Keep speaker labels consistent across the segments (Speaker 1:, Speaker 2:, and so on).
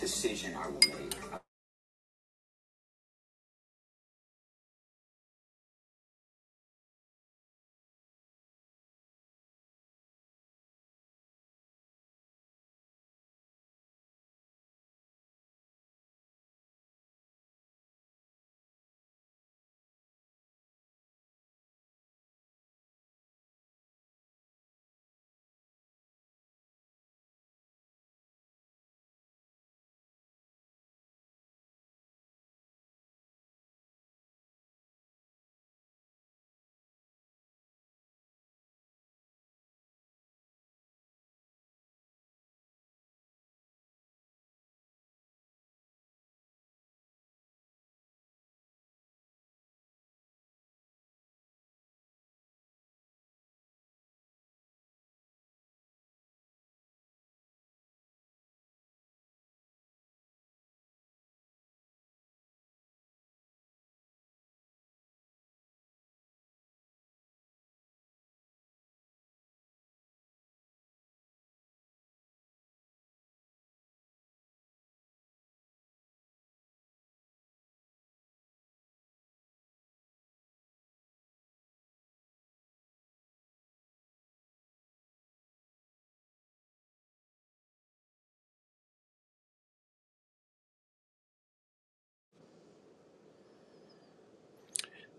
Speaker 1: decision I will make.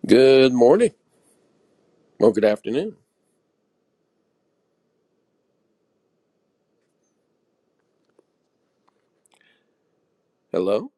Speaker 2: Good morning. Well, good afternoon. Hello.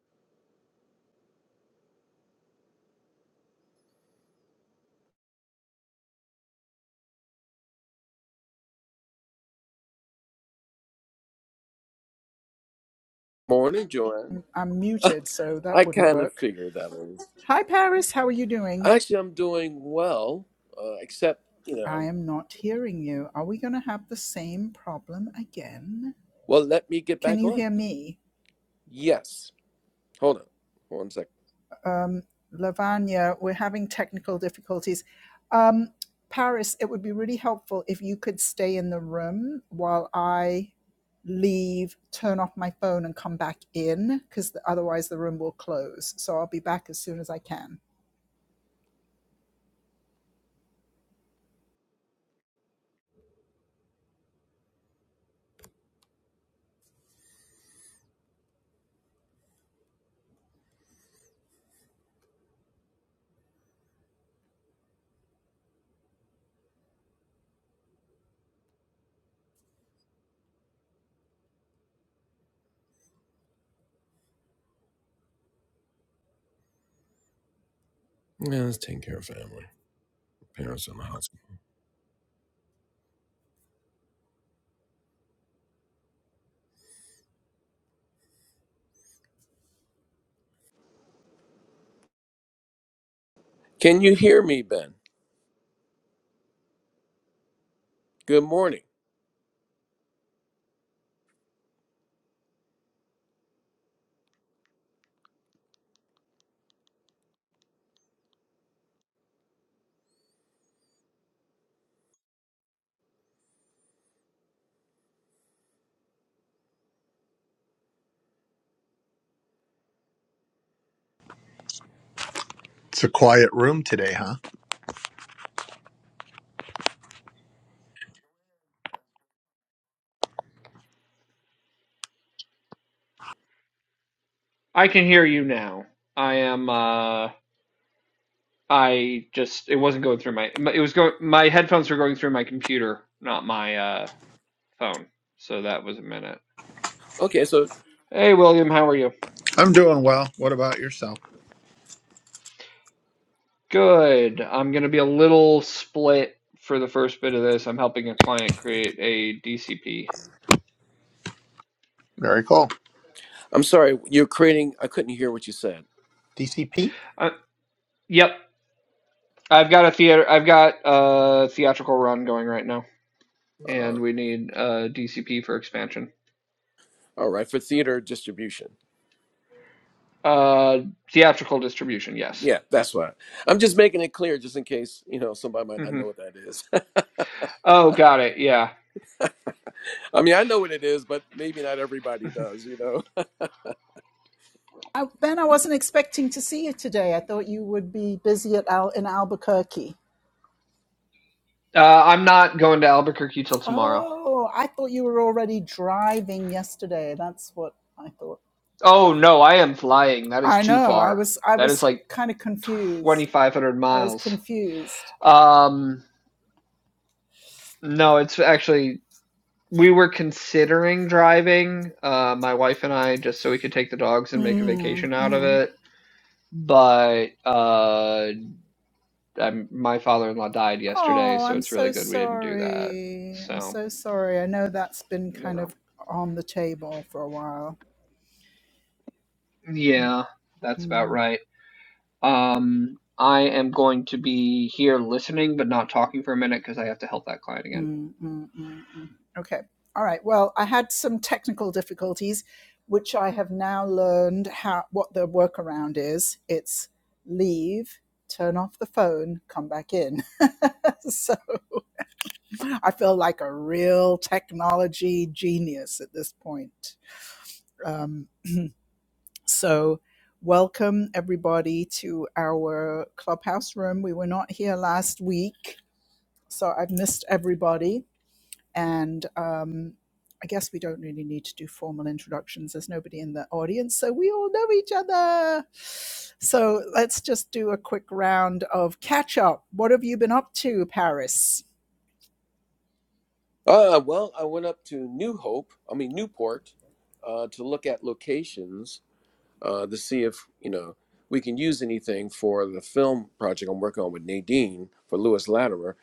Speaker 2: Morning, Joanne.
Speaker 1: I'm muted, so
Speaker 2: I
Speaker 1: that wouldn't
Speaker 2: kind of
Speaker 1: work.
Speaker 2: figured that one.
Speaker 1: Hi, Paris. How are you doing?
Speaker 2: Actually, I'm doing well, uh, except, you
Speaker 1: I
Speaker 2: know,
Speaker 1: am not hearing you. Are we going to have the same problem again?
Speaker 2: well, let me get
Speaker 1: Can
Speaker 2: back
Speaker 1: you
Speaker 2: on.
Speaker 1: hear me?
Speaker 2: Yes. Hold on. One second.
Speaker 1: um, Lavanya, we're having technical difficulties. Um, Paris, it would be really helpful if you could stay in the room while I leave, turn off my phone, and come back in, because otherwise the room will close. So I'll be back as soon as I can.
Speaker 2: Yeah, let's take care of family, parents, in the hospital. Can you hear me, Ben? Good morning.
Speaker 3: It's a quiet room today, huh?
Speaker 4: I can hear you now. I am uh I just it wasn't going through my my- it was going my headphones were going through my computer, not my uh phone. So that was a minute.
Speaker 2: Okay, so
Speaker 4: Hey William, how are you?
Speaker 3: I'm doing well. What about yourself?
Speaker 4: Good. I'm going to be a little split for the first bit of this. I'm helping a client create a DCP.
Speaker 3: Very cool.
Speaker 2: I'm sorry. You're creating, I couldn't hear what you said.
Speaker 3: DCP?
Speaker 4: Uh, yep. I've got a theater I've got a theatrical run going right now
Speaker 2: Uh,
Speaker 4: and we need a DCP for expansion.
Speaker 2: all right, for theater distribution.
Speaker 4: Uh theatrical distribution, yes.
Speaker 2: Yeah, that's why. I'm just making it clear just in case, you know, somebody might
Speaker 4: Mm-hmm.
Speaker 2: not know what that is.
Speaker 4: Oh, got it. Yeah.
Speaker 2: I mean, I know what it is, but maybe not everybody does, you know.
Speaker 1: I, ben, I wasn't expecting to see you today. I thought you would be busy at Al, in Albuquerque.
Speaker 4: Uh, I'm not going to Albuquerque till tomorrow.
Speaker 1: Oh, I thought you were already driving yesterday. That's what I thought.
Speaker 4: Oh, no, I am flying. That is
Speaker 1: I
Speaker 4: too
Speaker 1: know. I
Speaker 4: far.
Speaker 1: was. I
Speaker 4: That is
Speaker 1: was
Speaker 4: like
Speaker 1: kind of confused.
Speaker 4: 2,500
Speaker 1: I was
Speaker 4: miles.
Speaker 1: confused.
Speaker 4: Um, no, it's actually, we were considering driving, uh, my wife and I, just so we could take the dogs and make a
Speaker 1: Mm,
Speaker 4: vacation out of
Speaker 1: mm.
Speaker 4: it. But uh, I'm, my father-in-law died yesterday,
Speaker 1: Oh,
Speaker 4: so
Speaker 1: I'm
Speaker 4: it's really
Speaker 1: so
Speaker 4: good we didn't do that.
Speaker 1: sorry. I'm
Speaker 4: So,
Speaker 1: so sorry. I know that's been kind
Speaker 4: no.
Speaker 1: of on the table for a while.
Speaker 4: Yeah, that's
Speaker 1: Mm.
Speaker 4: about right. Um, I am going to be here listening but not talking for a minute because I have to help that client again.
Speaker 1: Mm, mm, mm, mm. Okay. All right. Well, I had some technical difficulties, which I have now learned how what the workaround is. It's leave, turn off the phone, come back in. so I feel like a real technology genius at this point. Um, so welcome everybody to our clubhouse room. We were not here last week, so I've missed everybody And um, I guess we don't really need to do formal introductions. There's nobody in the audience, so we all know each other. So let's just do a quick round of catch up. What have you been up to, Paris?
Speaker 2: Uh, well, I went up to New Hope, I mean Newport, uh, to look at locations uh, to see if you know we can use anything for the film project I'm working on with Nadine for Lewis Latimer.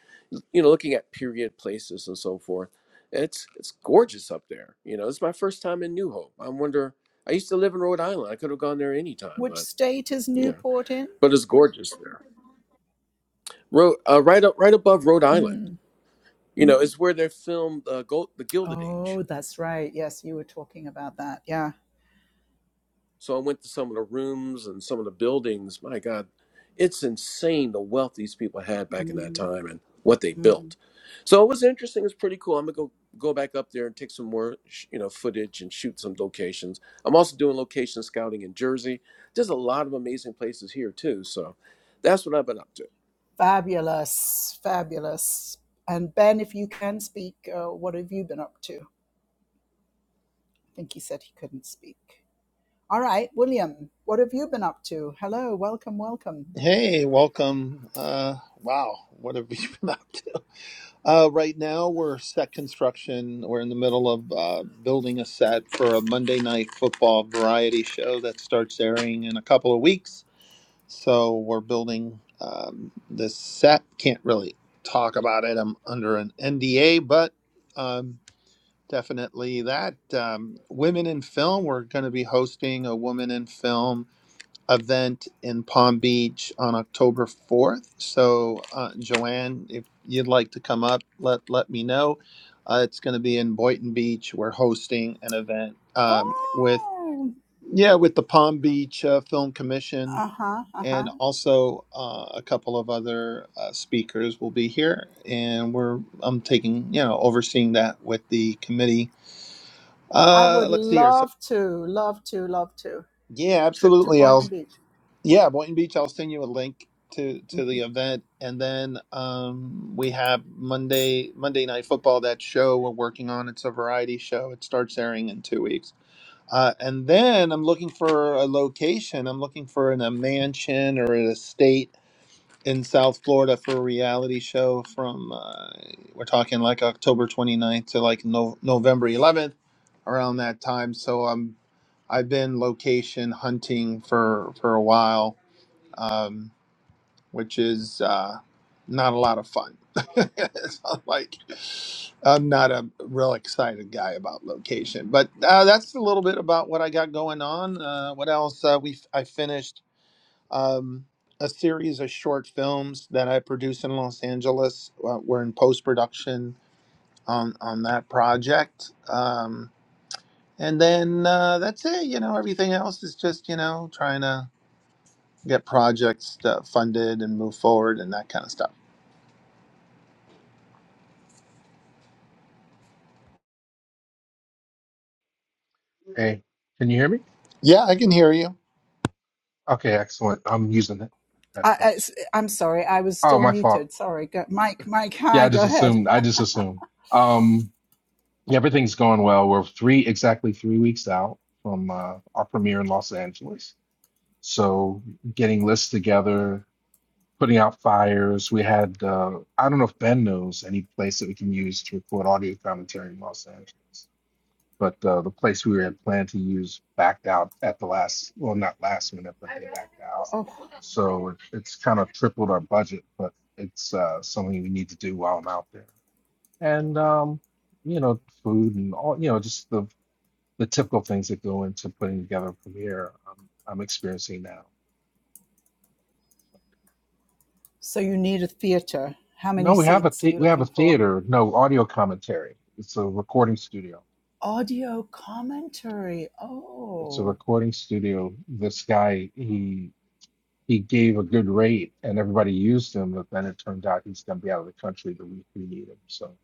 Speaker 2: You know, looking at period places and so forth. It's it's gorgeous up there. You know, it's my first time in New Hope. I wonder. I used to live in Rhode Island. I could have gone there any time,
Speaker 1: Which
Speaker 2: but
Speaker 1: state is
Speaker 2: yeah,
Speaker 1: Newport in?
Speaker 2: but it's gorgeous there. Ro- uh, right up, right above Rhode Island.
Speaker 1: Mm.
Speaker 2: you know, it's where they filmed uh, Gold, the Gilded Age.
Speaker 1: Oh, that's right. Yes, you were talking about that. Yeah.
Speaker 2: So I went to some of the rooms and some of the buildings. My God, it's insane the wealth these people had back in that
Speaker 1: Mm.
Speaker 2: time and what they
Speaker 1: Mm,
Speaker 2: built. So it was interesting. It's pretty cool. I'm gonna go go back up there and take some more, sh- you know, footage and shoot some locations. I'm also doing location scouting in Jersey. There's a lot of amazing places here too. So that's what I've been up to.
Speaker 1: fabulous, fabulous. And Ben, if you can speak, uh, what have you been up to? I think he said he couldn't speak. All right, William, what have you been up to? Hello, welcome, welcome.
Speaker 3: Hey, welcome. Uh, wow, what have you been up to? Uh, right now, we're set construction. We're in the middle of uh, building a set for a Monday night football variety show that starts airing in a couple of weeks. So we're building um, this set. Can't really talk about it. I'm under an NDA, but. um, Definitely that. Um, Women in Film, we're going to be hosting a Women in Film event in Palm Beach on October 4th. So, uh, Joanne, if you'd like to come up, let, let me know. Uh, it's going to be in Boynton Beach. We're hosting an event um, with,
Speaker 1: Oh,
Speaker 3: yeah, with the Palm Beach uh, Film Commission
Speaker 1: uh huh, uh huh.
Speaker 3: and also uh, a couple of other uh, speakers will be here. And we're, I'm taking, you know, overseeing that with the committee
Speaker 1: I
Speaker 3: uh,
Speaker 1: would
Speaker 3: let's see here. So,
Speaker 1: love to, love to, love to. A
Speaker 3: yeah,
Speaker 1: Trip to
Speaker 3: absolutely. I'll
Speaker 1: Boynton Beach.
Speaker 3: yeah, Boynton Beach. I'll send you a link to to the event, and then um, we have Monday Monday Night Football. That show we're working on. It's a variety show. It starts airing in two weeks. Uh, and then I'm looking for a location. I'm looking for in a mansion or an estate in South Florida for a reality show from uh, we're talking like October 29th to like no- November 11th around that time so um I've been location hunting for for a while um which is uh not a lot of fun It's not like I'm not a real excited guy about location but uh, that's a little bit about what I got going on uh what else uh, we I finished um, a series of short films that I produced in Los Angeles. Uh, we're in post production on on that project, um, and then uh, that's it. You know, everything else is just you know trying to get projects uh, funded and move forward and that kind of stuff.
Speaker 5: Hey, can you hear me?
Speaker 3: Yeah, I can hear you.
Speaker 5: Okay, excellent. I'm using the
Speaker 1: I, I,
Speaker 5: headphones.
Speaker 1: I'm sorry, I was
Speaker 5: Oh,
Speaker 1: still
Speaker 5: my fault.
Speaker 1: muted. Sorry, go, Mike, Mike,
Speaker 5: Yeah,
Speaker 1: hi,
Speaker 5: I
Speaker 1: go
Speaker 5: just
Speaker 1: ahead.
Speaker 5: assumed. I just assumed. Um, yeah, everything's going well. We're three exactly three weeks out from uh, our premiere in Los Angeles. So getting lists together, putting out fires. We had uh, I don't know if Ben knows any place that we can use to record audio commentary in Los Angeles. But uh, the place we had planned to use backed out at the last, well, not last minute, but they backed out.
Speaker 1: Oh,
Speaker 5: So it, it's kind of tripled our budget, but it's uh, something we need to do while I'm out there. And um, you know, food and all, you know, just the the typical things that go into putting together a premiere. Um, I'm experiencing now.
Speaker 1: so you need a theater. How
Speaker 5: No,
Speaker 1: many
Speaker 5: we have a
Speaker 1: seats are
Speaker 5: the
Speaker 1: you
Speaker 5: we have a
Speaker 1: looking for?
Speaker 5: theater. No audio commentary. It's a recording studio.
Speaker 1: audio commentary.
Speaker 5: It's a
Speaker 1: Oh,
Speaker 5: recording studio. This guy, he he gave a good rate, and everybody used him. But then it turned out he's going to be out of the country the week we need him. So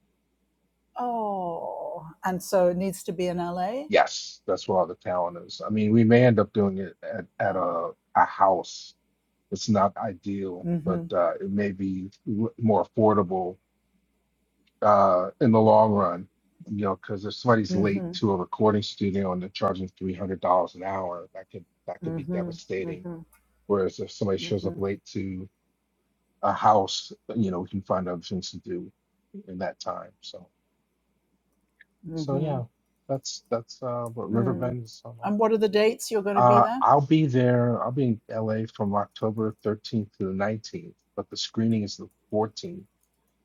Speaker 1: oh. And so it needs to be in LA?
Speaker 5: Yes, that's where all the talent is. I mean, we may end up doing it at, at
Speaker 1: Oh,
Speaker 5: a, a house. It's not ideal, but
Speaker 1: mm-hmm,
Speaker 5: uh, it may be w- more affordable uh, in the long run. You know, because if somebody's late
Speaker 1: mm-hmm,
Speaker 5: to a recording studio and they're charging three hundred dollars an hour, that could that could be
Speaker 1: mm-hmm,
Speaker 5: devastating.
Speaker 1: mm-hmm,
Speaker 5: Whereas if somebody shows
Speaker 1: mm-hmm,
Speaker 5: up late to a house, you know, we can find other things to do in that time. So, so
Speaker 1: mm-hmm.
Speaker 5: yeah, that's that's uh, what
Speaker 1: Mm.
Speaker 5: Riverbend is on.
Speaker 1: And what are the dates you're going to be
Speaker 5: Uh,
Speaker 1: there?
Speaker 5: I'll be there. I'll be in LA from October 13th to the 19th, but the screening is the 14th,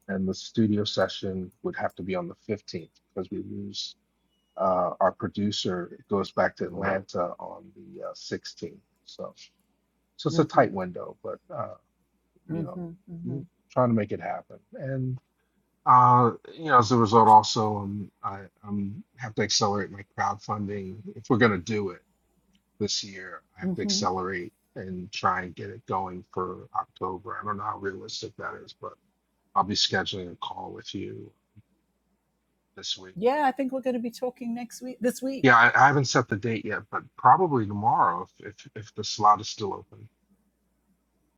Speaker 5: and the studio session would have to be on the 15th because we lose uh, our producer. It goes back to Atlanta on the uh, 16th. So, so it's a
Speaker 1: Mm-hmm,
Speaker 5: tight window, but uh, you know,
Speaker 1: mm-hmm, mm-hmm,
Speaker 5: m- trying to make it happen. And uh, you know, as a result, also, um, I um, have to accelerate my crowdfunding if we're going to do it this year. I have to
Speaker 1: mm-hmm.
Speaker 5: accelerate and try and get it going for October. I don't know how realistic that is, but I'll be scheduling a call with you this week.
Speaker 1: Yeah, I think we're going to be talking next week, this week.
Speaker 5: Yeah, I, I haven't set the date yet, but probably tomorrow if if, if the slot is still open.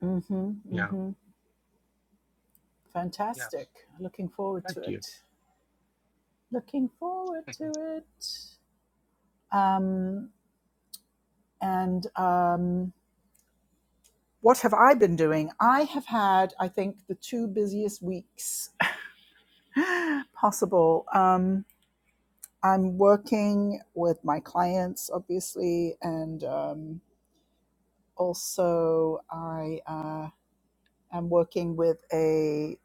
Speaker 1: Mm-hmm,
Speaker 5: Yeah.
Speaker 1: mm-hmm.
Speaker 5: Yes.
Speaker 1: Fantastic. Looking forward
Speaker 5: Thank
Speaker 1: to
Speaker 5: you.
Speaker 1: it. Looking forward to it. Um, and um, what have I been doing? I have had, I think, the two busiest weeks possible. Um, I'm working with my clients, obviously, and um, also I uh, am working with a,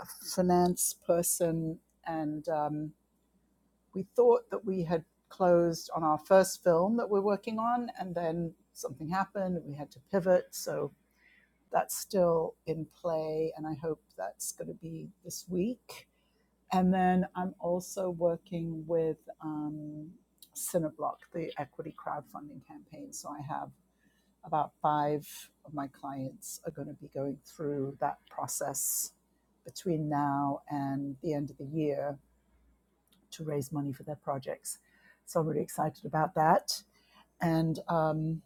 Speaker 1: a finance person, and um, we thought that we had closed on our first film that we're working on, and then something happened, we had to pivot, so that's still in play, and I hope that's going to be this week. And then I'm also working with um, Cineblock, the equity crowdfunding campaign. So I have about five of my clients are going to be going through that process between now and the end of the year to raise money for their projects. So I'm really excited about that. And um,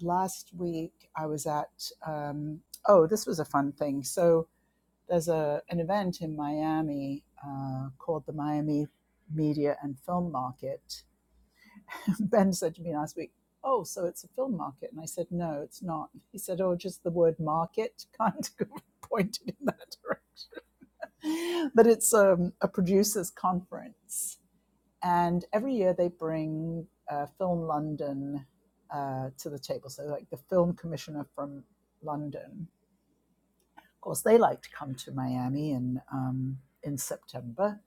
Speaker 1: last week I was at, um, oh, this was a fun thing. So there's a an event in Miami uh, called the Miami Media and Film Market. ben said to me last week, "Oh, so it's a film market?" And I said, "No, it's not." He said, "Oh, just the word market kind of pointed in that direction." But it's um, a producers' conference, and every year they bring uh, Film London uh, to the table. So, like the film commissioner from London. Of course, they like to come to Miami in um, in September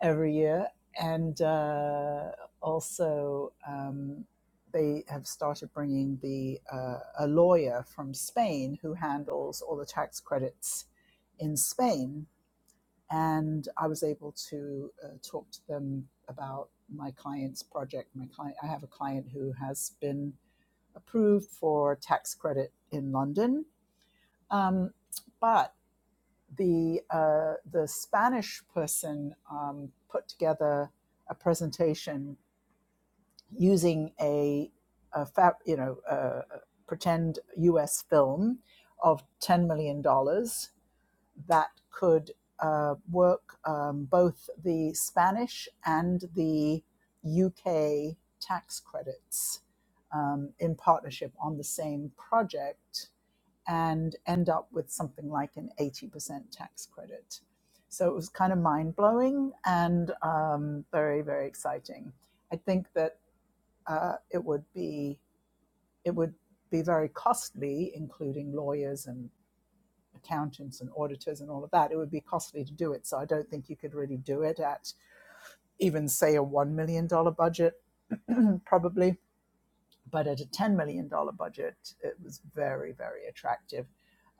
Speaker 1: every year, and uh, also um, they have started bringing the uh, a lawyer from Spain who handles all the tax credits in Spain, and I was able to uh, talk to them about my client's project. My client, I have a client who has been approved for tax credit in London, um, but the uh, the Spanish person um, put together a presentation using a, a fa- you know a pretend U.S. film of ten million dollars that could uh, work um, both the Spanish and the UK tax credits um, in partnership on the same project and end up with something like an 80% tax credit. So it was kind of mind blowing and um, very, very exciting. I think that uh, it would be it would be very costly, including lawyers and accountants and auditors and all of that. It would be costly to do it. So I don't think you could really do it at even say a one million dollar budget, probably. But at a $10 million dollars budget, it was very, very attractive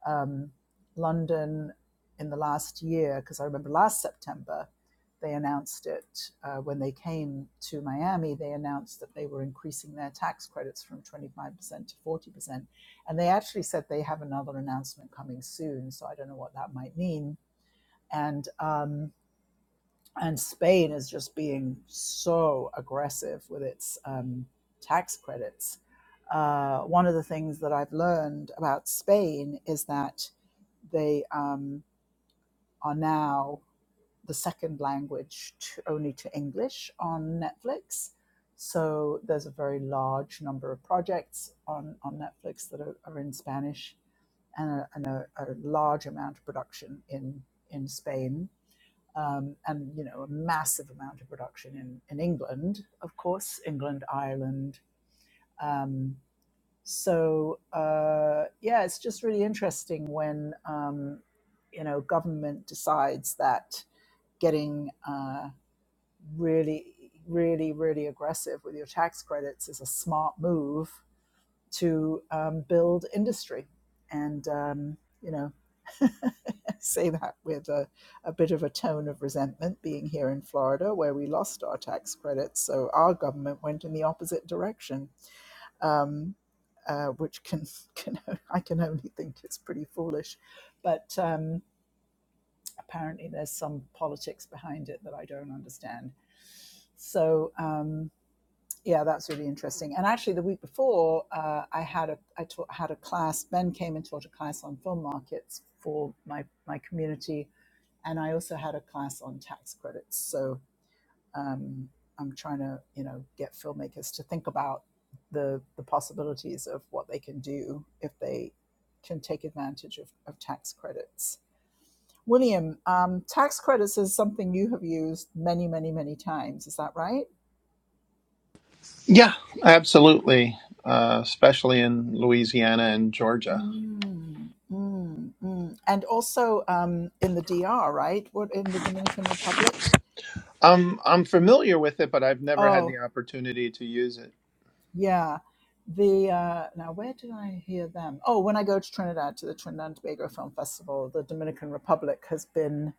Speaker 1: um, London in the last year, because I remember last September they announced it uh, when they came to Miami. They announced that they were increasing their tax credits from 25% to 40%. And they actually said they have another announcement coming soon. So I don't know what that might mean. And, um, and Spain is just being so aggressive with its um, tax credits. Uh, one of the things that I've learned about Spain is that they um, are now the second language to, only to English on Netflix. So there's a very large number of projects on, on Netflix that are, are in Spanish and, a, and a, a large amount of production in, in Spain. Um, and you know a massive amount of production in, in England, of course, England, Ireland, um, so uh, yeah, it's just really interesting when um, you know government decides that getting uh, really, really, really aggressive with your tax credits is a smart move to um, build industry. And, um, you know, say that with a, a bit of a tone of resentment being here in Florida, where we lost our tax credits. So our government went in the opposite direction um, uh, which can can I can only think is pretty foolish, but um, apparently there's some politics behind it that I don't understand. So um, yeah, that's really interesting. And actually, the week before, uh, I had a I taught, had a class. Ben came and taught a class on film markets for my my community, and I also had a class on tax credits. So um, I'm trying to, you know, get filmmakers to think about the the possibilities of what they can do if they can take advantage of, of tax credits. William, um, tax credits is something you have used many, many, many times. Is that right?
Speaker 3: Yeah, absolutely, uh, especially in Louisiana and Georgia.
Speaker 1: Mm, mm, mm. And also um, in the DR, right? What in the Dominican Republic?
Speaker 3: I'm I'm familiar with it, but I've never had
Speaker 1: Oh,
Speaker 3: the opportunity to use it.
Speaker 1: Yeah. The uh, now where did I hear them? Oh, when I go to Trinidad to the Trinidad and Tobago Film Festival, the Dominican Republic has been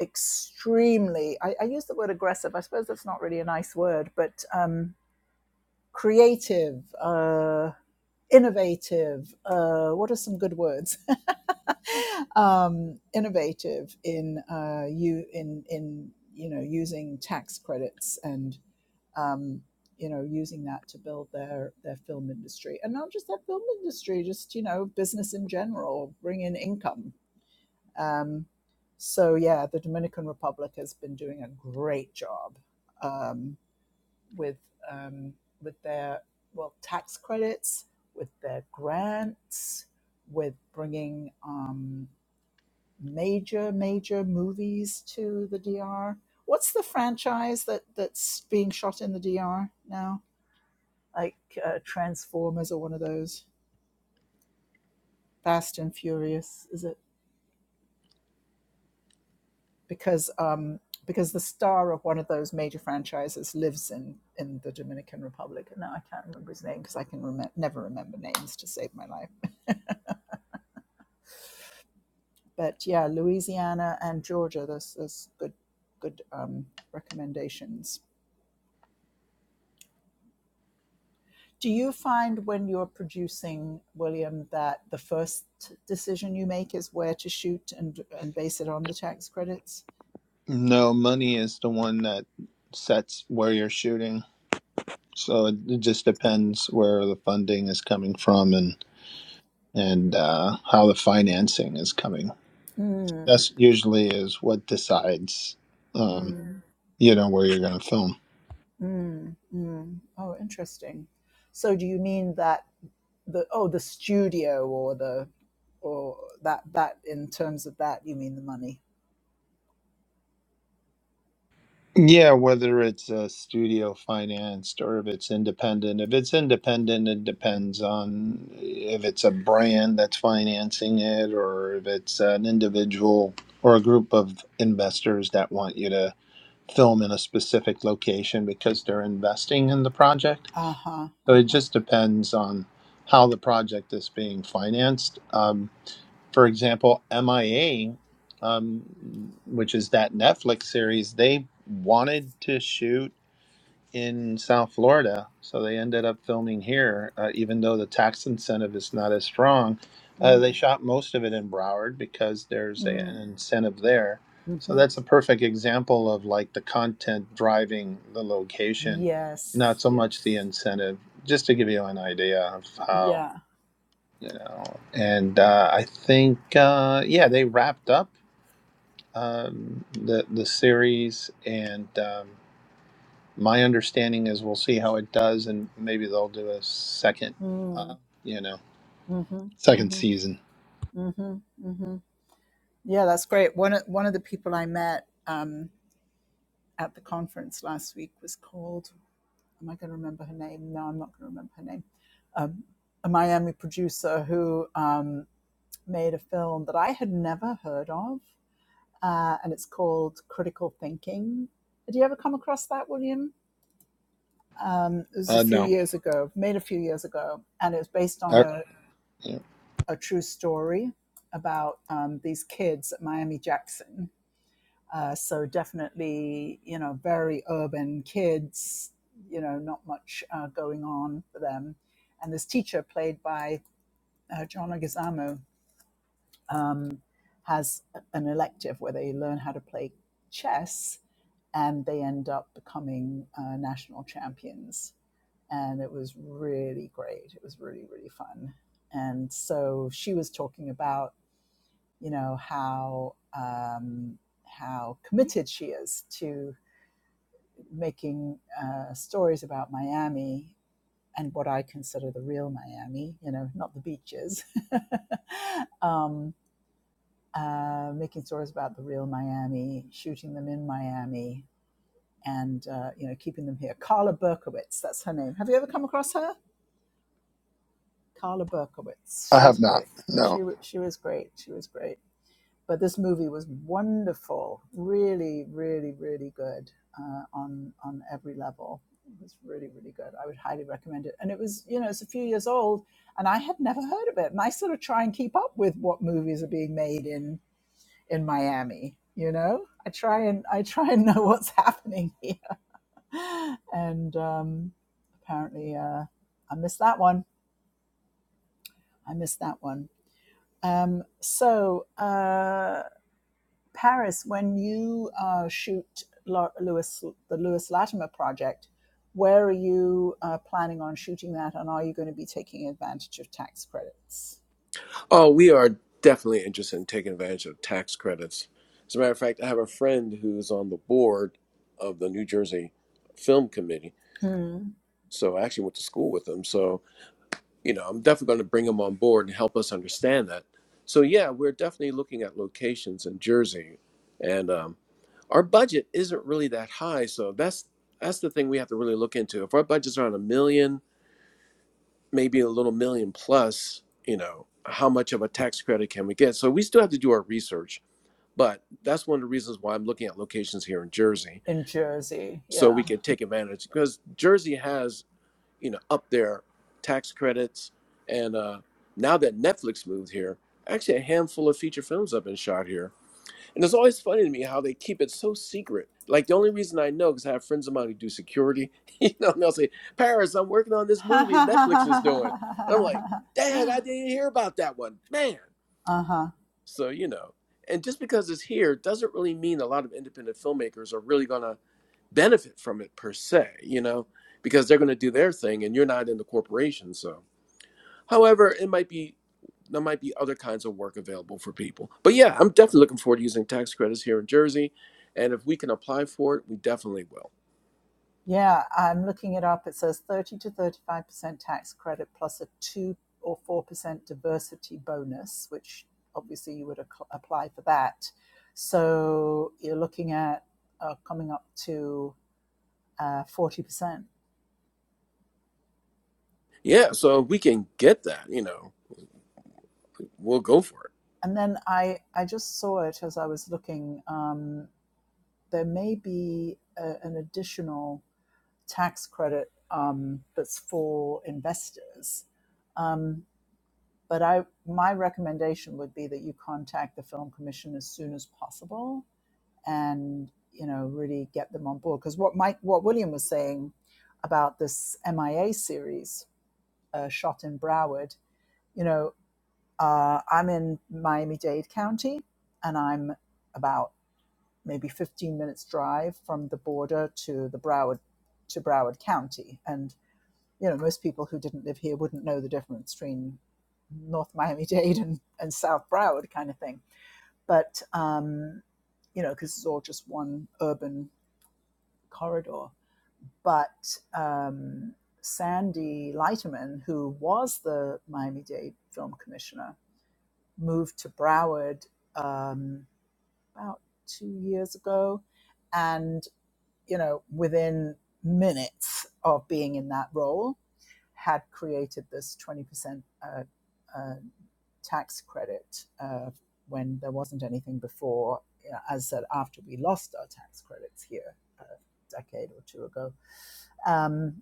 Speaker 1: extremely. I, I use the word aggressive. I suppose that's not really a nice word, but um, creative, uh, innovative. Uh, what are some good words? um, innovative in uh, you in in you know using tax credits and um, you know, using that to build their their film industry, and not just their film industry, just you know, business in general, bring in income. Um, so yeah, the Dominican Republic has been doing a great job um, with um, with their well tax credits, with their grants, with bringing um, major major movies to the DR. What's the franchise that that's being shot in the DR now? like uh, Transformers or one of those Fast and Furious, is it? Because um, because the star of one of those major franchises lives in in the Dominican Republic, and now I can't remember his name because I can remem- never remember names to save my life. But yeah, Louisiana and Georgia, those those good good um, recommendations. Do you find when you're producing, William, that the first decision you make is where to shoot and and base it on the tax credits?
Speaker 3: No, money is the one that sets where you're shooting. So it, it just depends where the funding is coming from and and uh, how the financing is coming.
Speaker 1: Mm,
Speaker 3: That's usually is what decides, um,
Speaker 1: mm.
Speaker 3: you know, where you're going to film.
Speaker 1: Mm, mm. Oh, interesting. So do you mean that the oh the studio or the or that that in terms of that you mean the money?
Speaker 3: Yeah, whether it's uh, studio financed or if it's independent. If it's independent, it depends on if it's a brand that's financing it or if it's an individual or a group of investors that want you to film in a specific location because they're investing in the project.
Speaker 1: Uh huh.
Speaker 3: So
Speaker 1: Uh
Speaker 3: it
Speaker 1: huh.
Speaker 3: just depends on how the project is being financed. Um, for example, MIA, um, which is that Netflix series, they wanted to shoot in South Florida, so they ended up filming here, uh, even though the tax incentive is not as strong. Uh, they
Speaker 1: Mm,
Speaker 3: shot most of it in Broward because there's a, an
Speaker 1: mm,
Speaker 3: incentive there. So
Speaker 1: mm-hmm.
Speaker 3: that's a perfect example of like the content driving the location, not
Speaker 1: Yes.
Speaker 3: so much the
Speaker 1: Yes.
Speaker 3: incentive. Just to give you an idea of how
Speaker 1: Yeah.
Speaker 3: you know, and uh, I think uh, yeah, they wrapped up um, the the series and. um, my understanding is we'll see how it does, and maybe they'll do a second, uh,
Speaker 1: Mm,
Speaker 3: you know,
Speaker 1: mm-hmm.
Speaker 3: second
Speaker 1: Mm-hmm.
Speaker 3: season.
Speaker 1: Mm-hmm. Mm-hmm. Yeah, that's great. One of one of the people I met um, at the conference last week was called. am I going to remember her name? No, I'm not going to remember her name. Um, a Miami producer who um, made a film that I had never heard of, uh, and it's called Critical Thinking. Did you ever come across that, William? Um, it was a
Speaker 3: Uh,
Speaker 1: few
Speaker 3: no,
Speaker 1: years ago, made a few years ago, and it was based on
Speaker 3: I,
Speaker 1: a, a true story about um, these kids at Miami Jackson Uh, so definitely, you know, very urban kids, you know, not much uh, going on for them. And this teacher, played by uh, John Leguizamo, um, has an elective where they learn how to play chess and they end up becoming uh, national champions. And it was really great. It was really, really fun. And so she was talking about, you know, how um, how committed she is to making uh, stories about Miami and what I consider the real Miami, you know, not the beaches. um, uh, making stories about the real Miami, shooting them in Miami, and uh, you know, keeping them here. Carla Berkowitz, that's her name. Have you ever come across her? Carla Berkowitz.
Speaker 3: I
Speaker 1: She was
Speaker 3: have not.
Speaker 1: great.
Speaker 3: No.
Speaker 1: She she was great. She was great but this movie was wonderful, really, really, really good uh, on on every level. It was really, really good. I would highly recommend it. And it was, you know, it's a few years old, and I had never heard of it. And I sort of try and keep up with what movies are being made in in Miami. You know, I try and I try and know what's happening here. And um, apparently, uh, I missed that one. I missed that one. Um, so. Uh, Paris, when you uh, shoot Lau- Lewis, the Lewis Latimer project, where are you uh, planning on shooting that, and are you going to be taking advantage of tax credits?
Speaker 2: Oh, we are definitely interested in taking advantage of tax credits. As a matter of fact, I have a friend who's on the board of the New Jersey Film Committee.
Speaker 1: Hmm.
Speaker 2: So I actually went to school with him. So, you know, I'm definitely going to bring him on board and help us understand that. So, yeah, we're definitely looking at locations in Jersey. And um, our budget isn't really that high. So that's that's the thing we have to really look into. If our budget's around a million, maybe a little million plus, you know, how much of a tax credit can we get? So we still have to do our research, but that's one of the reasons why I'm looking at locations here in Jersey
Speaker 1: In Jersey,
Speaker 2: so we
Speaker 1: yeah.
Speaker 2: can take advantage because Jersey has, you know, up there tax credits. And uh, now that Netflix moved here, actually a handful of feature films have been shot here and it's always funny to me how they keep it so secret. Like the only reason I know because I have friends of mine who do security, you know, and they'll say, "Paris, I'm working on this
Speaker 1: uh
Speaker 2: movie Netflix is doing," and I'm like, "Dang, I didn't hear about that one, man."
Speaker 1: huh.
Speaker 2: So you know, and just because it's here doesn't really mean a lot of independent filmmakers are really going to benefit from it per se, you know, because they're going to do their thing, and you're not in the corporation, so. However, it might be there might be other kinds of work available for people. But yeah, I'm definitely looking forward to using tax credits here in Jersey, and if we can apply for it, we definitely will.
Speaker 1: Yeah, I'm looking it up. It says 30 to 35% tax credit plus a 2 or 4% diversity bonus, which obviously you would ac- apply for that. So you're looking at uh, coming up to uh, 40%.
Speaker 2: Yeah, so if we can get that, you know, we'll go for it.
Speaker 1: And then I, I just saw it as I was looking. Um, there may be a, an additional tax credit um, that's for investors. Um, but I, my recommendation would be that you contact the film commission as soon as possible, and you know really get them on board. Because what Mike, what William was saying about this MIA series uh, shot in Broward, you know, uh, I'm in Miami Dade County, and I'm about maybe 15 minutes drive from the border to the Broward to Broward County, and you know, most people who didn't live here wouldn't know the difference between North Miami Dade and, and South Broward kind of thing. But, um, you know, because it's all just one urban corridor. But um, Sandy Leiterman, who was the Miami Dade film commissioner, moved to Broward um, about two years ago. And, you know, within minutes of being in that role, had created this 20% uh, uh, tax credit uh, when there wasn't anything before. You know, as I said, after we lost our tax credits here a decade or two ago. Um,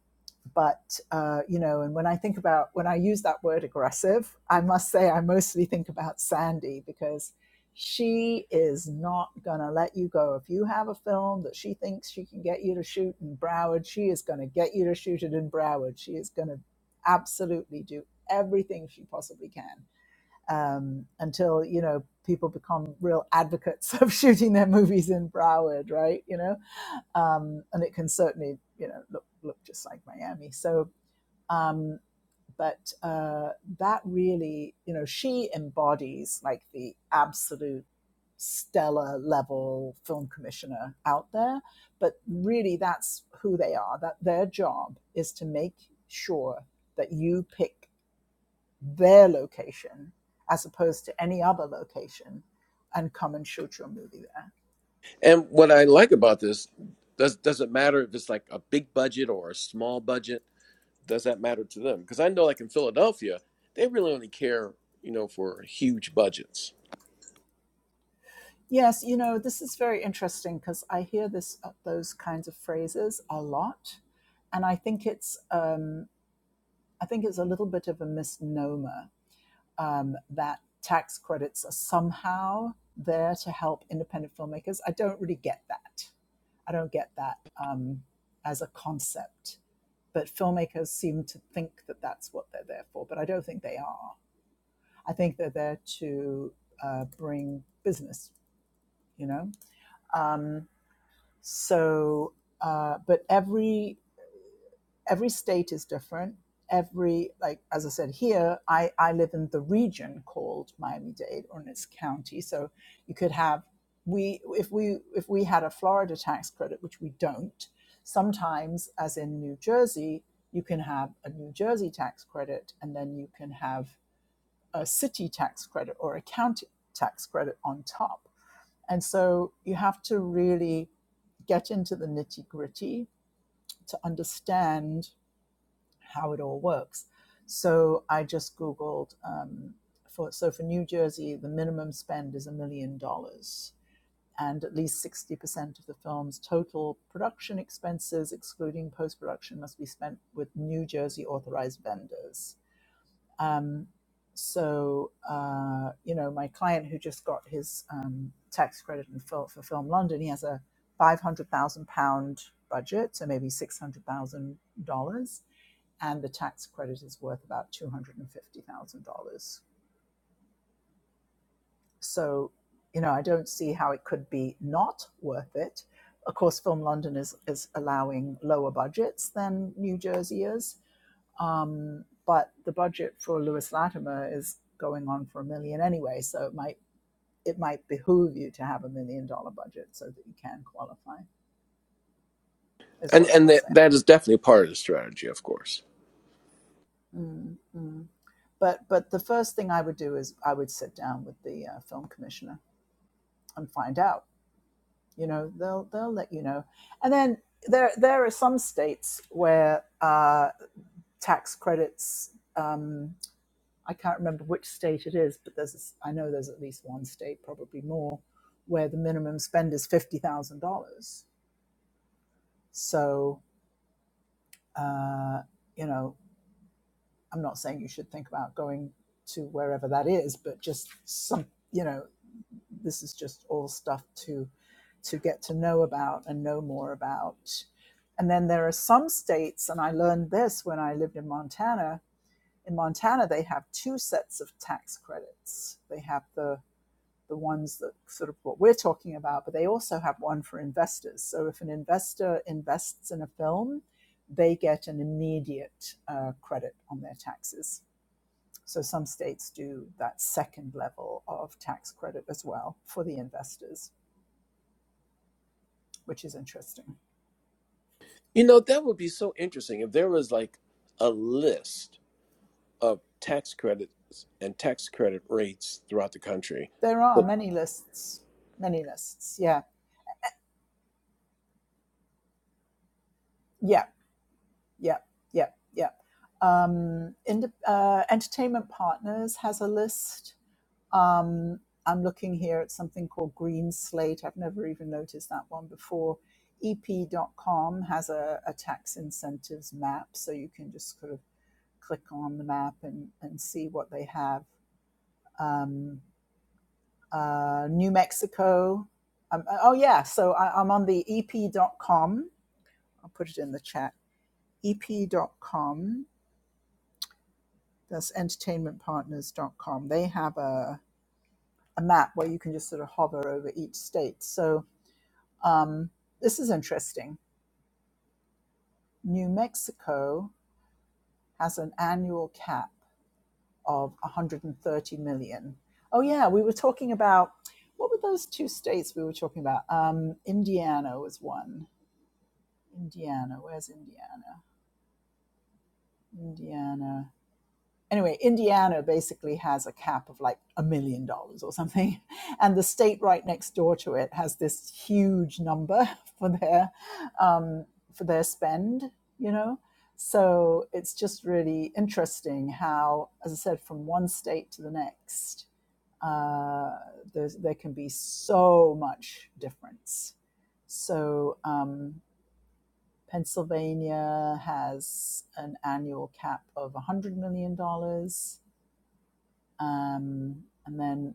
Speaker 1: but uh, you know and when i think about when i use that word aggressive i must say i mostly think about sandy because she is not going to let you go if you have a film that she thinks she can get you to shoot in broward she is going to get you to shoot it in broward she is going to absolutely do everything she possibly can um, until you know people become real advocates of shooting their movies in broward right you know um, and it can certainly you know look look just like miami so um, but uh, that really, you know, she embodies like the absolute stellar level film commissioner out there. But really, that's who they are. That their job is to make sure that you pick their location as opposed to any other location and come and shoot your movie there.
Speaker 2: And what I like about this does doesn't matter if it's like a big budget or a small budget. Does that matter to them? Because I know, like in Philadelphia, they really only care, you know, for huge budgets,
Speaker 1: Yes, you know, this is very interesting because I hear this uh, those kinds of phrases a lot. And I think it's um, I think it's a little bit of a misnomer um, that tax credits are somehow there to help independent filmmakers. I don't really get that. I don't get that um, as a concept. But filmmakers seem to think that that's what they're there for, but I don't think they are. I think they're there to uh, bring business, you know? So, uh, but every every state is different every like as i said here i i live in the region called miami-dade or in its county so you could have we if we if we had a florida tax credit which we don't sometimes as in new jersey you can have a new jersey tax credit and then you can have a city tax credit or a county tax credit on top and so you have to really get into the nitty gritty to understand how it all works. So I just Googled um, for so for New Jersey, the minimum spend is a million dollars, and at least sixty percent of the film's total production expenses, excluding post production, must be spent with New Jersey authorized vendors. Um, so uh, you know, my client who just got his um, tax credit and fil- for Film London, he has a five hundred thousand pound budget, so maybe six hundred thousand dollars and the tax credit is worth about $250,000. So, you know, I don't see how it could be not worth it. Of course, Film London is, is allowing lower budgets than New Jersey is, um, but the budget for Lewis Latimer is going on for a million anyway, so it might it might behoove you to have a million dollar budget so that you can qualify, is
Speaker 2: and
Speaker 1: what I
Speaker 2: and
Speaker 1: would
Speaker 2: that,
Speaker 1: say.
Speaker 2: that is definitely part of the strategy, of course.
Speaker 1: Mm, mm. But but the first thing I would do is I would sit down with the uh, film commissioner and find out. You know, they'll they'll let you know. And then there there are some states where uh, tax credits. Um, I can't remember which state it is, but there's I know there's at least one state, probably more, where the minimum spend is fifty thousand dollars. So uh, you know, I'm not saying you should think about going to wherever that is, but just some you know this is just all stuff to to get to know about and know more about. And then there are some states, and I learned this when I lived in Montana. In Montana, they have two sets of tax credits. They have the the ones that sort of what we're talking about, but they also have one for investors. So if an investor invests in a film, they get an immediate uh, credit on their taxes so some states do that second level of tax credit as well for the investors, which is interesting.
Speaker 2: You know, that would be so interesting if there was like a list of tax credits and tax credit rates throughout the country.
Speaker 1: There are
Speaker 2: But
Speaker 1: many lists, many lists. Yeah, yeah, yeah, yeah, yeah. Um, ind- uh, Entertainment Partners has a list. Um, I'm looking here at something called Green Slate. I've never even noticed that one before. EP. dot com has a, a tax incentives map, so you can just sort of click on the map and, and see what they have um, uh, New Mexico. Um, uh, oh, yeah. So I, I'm on the ep dot com. I'll put it in the chat. ep dot com. That's Entertainment Partners dot com. They have a, a map where you can just sort of hover over each state. So um, this is interesting. New Mexico has an annual cap of 130 million. Oh, yeah. We were talking about what were those two states we were talking about? Um, Indiana was one Indiana. Where's Indiana? Indiana. Anyway, Indiana basically has a cap of like a million dollars or something. And the state right next door to it has this huge number for their um, for their spend, you know. So it's just really interesting how, as I said, from one state to the next, uh, there can be so much difference. So um, Pennsylvania has an annual cap of $100 million. dollars. Um, and then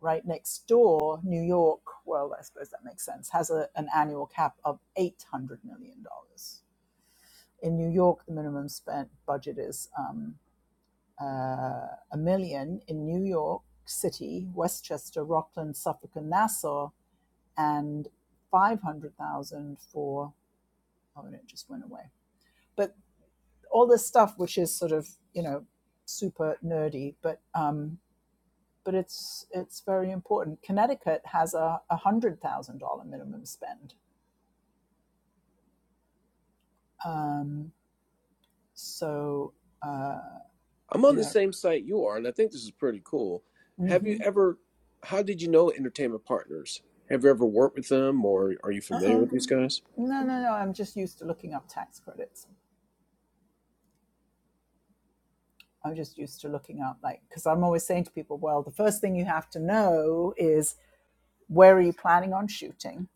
Speaker 1: right next door, New York, well, I suppose that makes sense, has a, an annual cap of $800 million. dollars. In New York, the minimum spent budget is um, uh, a million. In New York City, Westchester, Rockland, Suffolk, and Nassau, and 500,000 for, oh, and it just went away But all this stuff, which is sort of you know super nerdy, but um, but it's it's very important. Connecticut has a one hundred thousand dollar minimum spend, um, so uh,
Speaker 2: I'm
Speaker 1: you
Speaker 2: on the
Speaker 1: know.
Speaker 2: same site you are, and I think this is pretty cool. Have you
Speaker 1: hmm
Speaker 2: ever, how did you know Entertainment Partners? Have you ever worked with them or are you familiar
Speaker 1: Uh-uh.
Speaker 2: with these guys?
Speaker 1: No, no, no. I'm just used to looking up tax credits. I'm just used to looking up, like, because I'm always saying to people, well, the first thing you have to know is Where are you planning on shooting?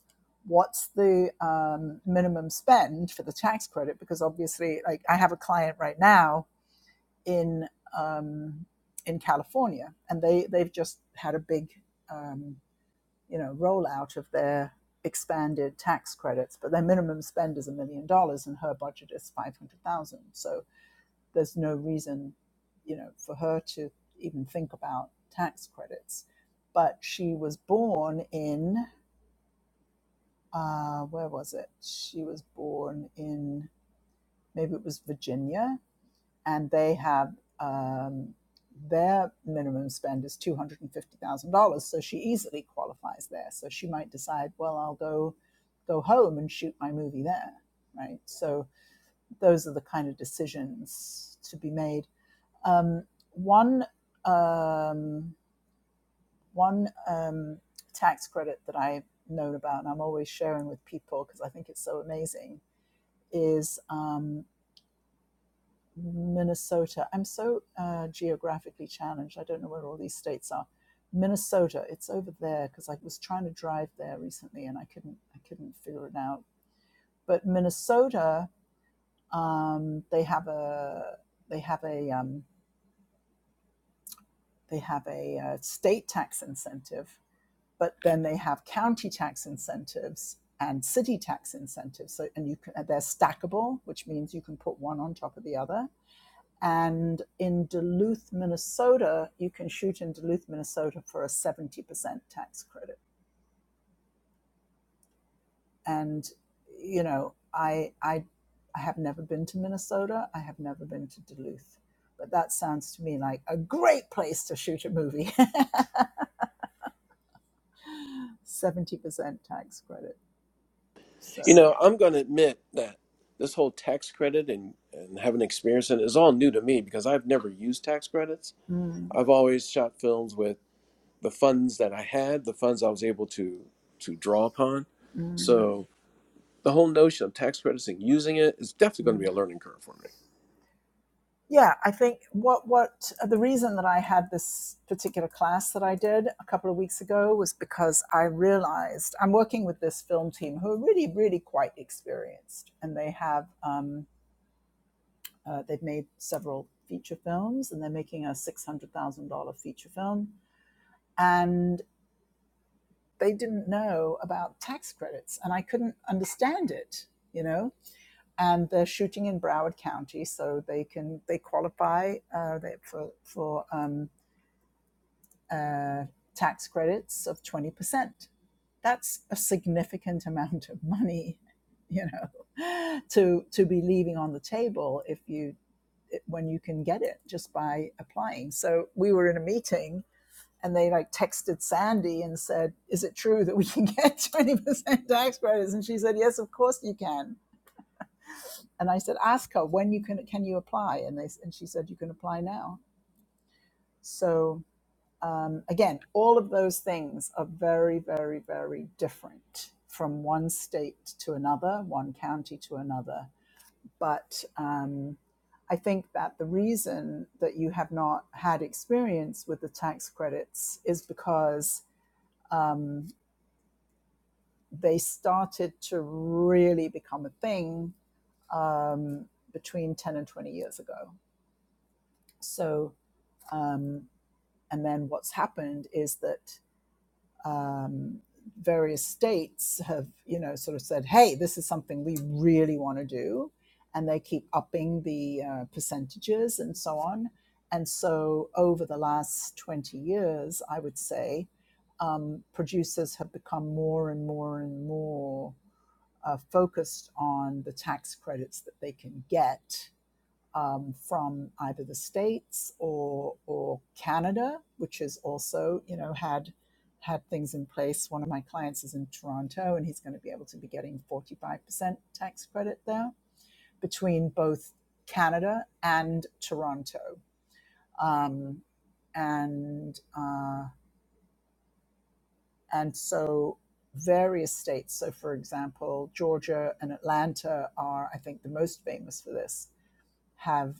Speaker 1: What's the um, minimum spend for the tax credit? Because obviously, like I have a client right now in um, in California, and they they've just had a big um, you know rollout of their expanded tax credits, but their minimum spend is a million dollars, and her budget is five hundred thousand. So there's no reason, you know, for her to even think about tax credits. But she was born in uh, where was it? She was born in maybe it was Virginia, and they have um, their minimum spend is two hundred and fifty thousand dollars, so she easily qualifies there. So she might decide, well, I'll go go home and shoot my movie there, right? So those are the kind of decisions to be made. Um, one um, one um, tax credit that I've known about, and I'm always sharing with people because I think it's so amazing is um, Minnesota. I'm so uh, geographically challenged. I don't know where all these states are. Minnesota. It's over there because I was trying to drive there recently and I couldn't. I couldn't figure it out. But Minnesota, um, they have a they have a um, they have a uh, state tax incentive, but then they have county tax incentives and city tax incentives. So and you can, they're stackable, which means you can put one on top of the other And in Duluth, Minnesota, you can shoot in Duluth, Minnesota for a 70% tax credit. And, you know, I, I, I have never been to Minnesota. I have never been to Duluth. But that sounds to me like a great place to shoot a movie. 70% tax credit.
Speaker 2: You
Speaker 1: So,
Speaker 2: know, I'm going to admit that this whole tax credit and, and having experience in it is all new to me because I've never used tax credits.
Speaker 1: mm,
Speaker 2: I've always shot films with. the funds that I had, the funds I was able to to draw upon.
Speaker 1: mm,
Speaker 2: So the whole notion of tax credits and using it is definitely going
Speaker 1: mm.
Speaker 2: to be a learning curve for me.
Speaker 1: Yeah, I think what what uh, the reason that I had this particular class that I did a couple of weeks ago was because I realized I'm working with this film team who are really really quite experienced, and they have um, uh, they've made several feature films, and they're making a six hundred thousand dollar feature film, and they didn't know about tax credits, and I couldn't understand it, you know. And they're shooting in Broward County, so they can they qualify uh, they, for for um, uh, tax credits of 20%. That's a significant amount of money, you know, to, to be leaving on the table if you, when you can get it just by applying. So we were in a meeting and they like texted Sandy and said, is it true that we can get 20% tax credits? And she said, yes, of course you can. And I said, ask her when you can, can you apply? And they, and she said, you can apply now. So Um, again, all of those things are very, very, very different from one state to another, one county to another. But um, I think that the reason that you have not had experience with the tax credits is because um, they started to really become a thing um, between 10 and 20 years ago. So, um, and then what's happened is that um, various states have, you know, sort of said, hey, this is something we really want to do. And they keep upping the uh, percentages and so on. And so over the last 20 years, I would say, um, producers have become more and more and more uh, focused on the tax credits that they can get um, from either the states or or Canada, which has also you know had had things in place. One of my clients is in Toronto, and he's going to be able to be getting forty five percent tax credit there between both Canada and Toronto, um, and uh, and so various states. So, for example, Georgia and Atlanta are, I think, the most famous for this. Have